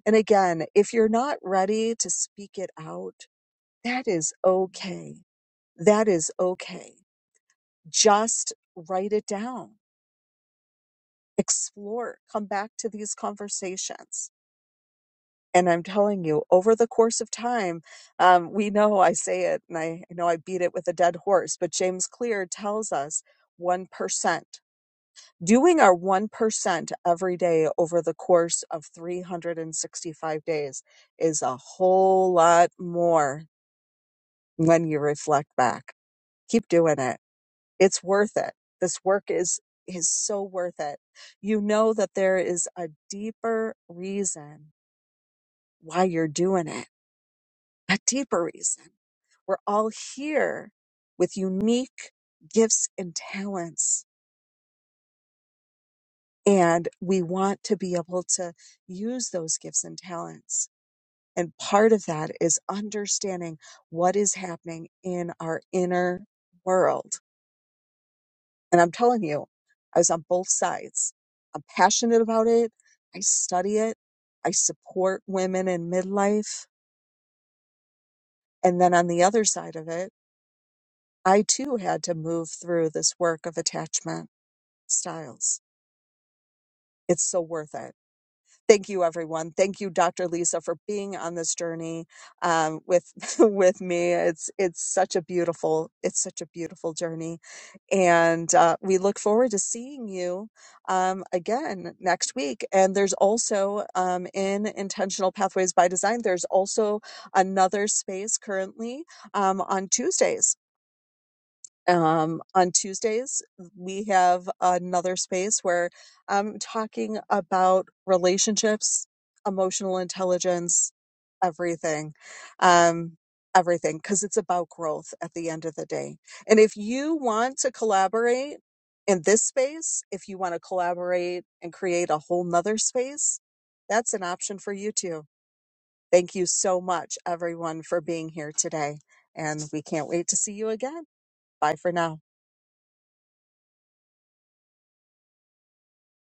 S1: And again, if you're not ready to speak it out, that is okay that is okay. Just write it down, explore, come back to these conversations. And I'm telling you, over the course of time, um, we know I say it and I, I know I beat it with a dead horse, but James Clear tells us 1%. Doing our 1% every day over the course of 365 days is a whole lot more when you reflect back. Keep doing it. It's worth it. This work is is so worth it. You know that there is a deeper reason why you're doing it. A deeper reason. We're all here with unique gifts and talents and we want to be able to use those gifts and talents. And part of that is understanding what is happening in our inner world And I'm telling you, I was on both sides. I'm passionate about it. I study it. I support women in midlife. And then on the other side of it, I too had to move through this work of attachment styles. It's so worth it. Thank you, everyone. Thank you, Dr. Lisa, for being on this journey um, with with me. It's it's such a beautiful it's such a beautiful journey, and uh, we look forward to seeing you um, again next week. And there's also um, in Intentional Pathways by Design, there's also another space currently um, on Tuesdays um, on Tuesdays, we have another space where I'm talking about relationships, emotional intelligence, everything. Um, everything, because it's about growth at the end of the day. And if you want to collaborate in this space, if you want to collaborate and create a whole nother space, that's an option for you too. Thank you so much, everyone, for being here today. And we can't wait to see you again. Bye for now.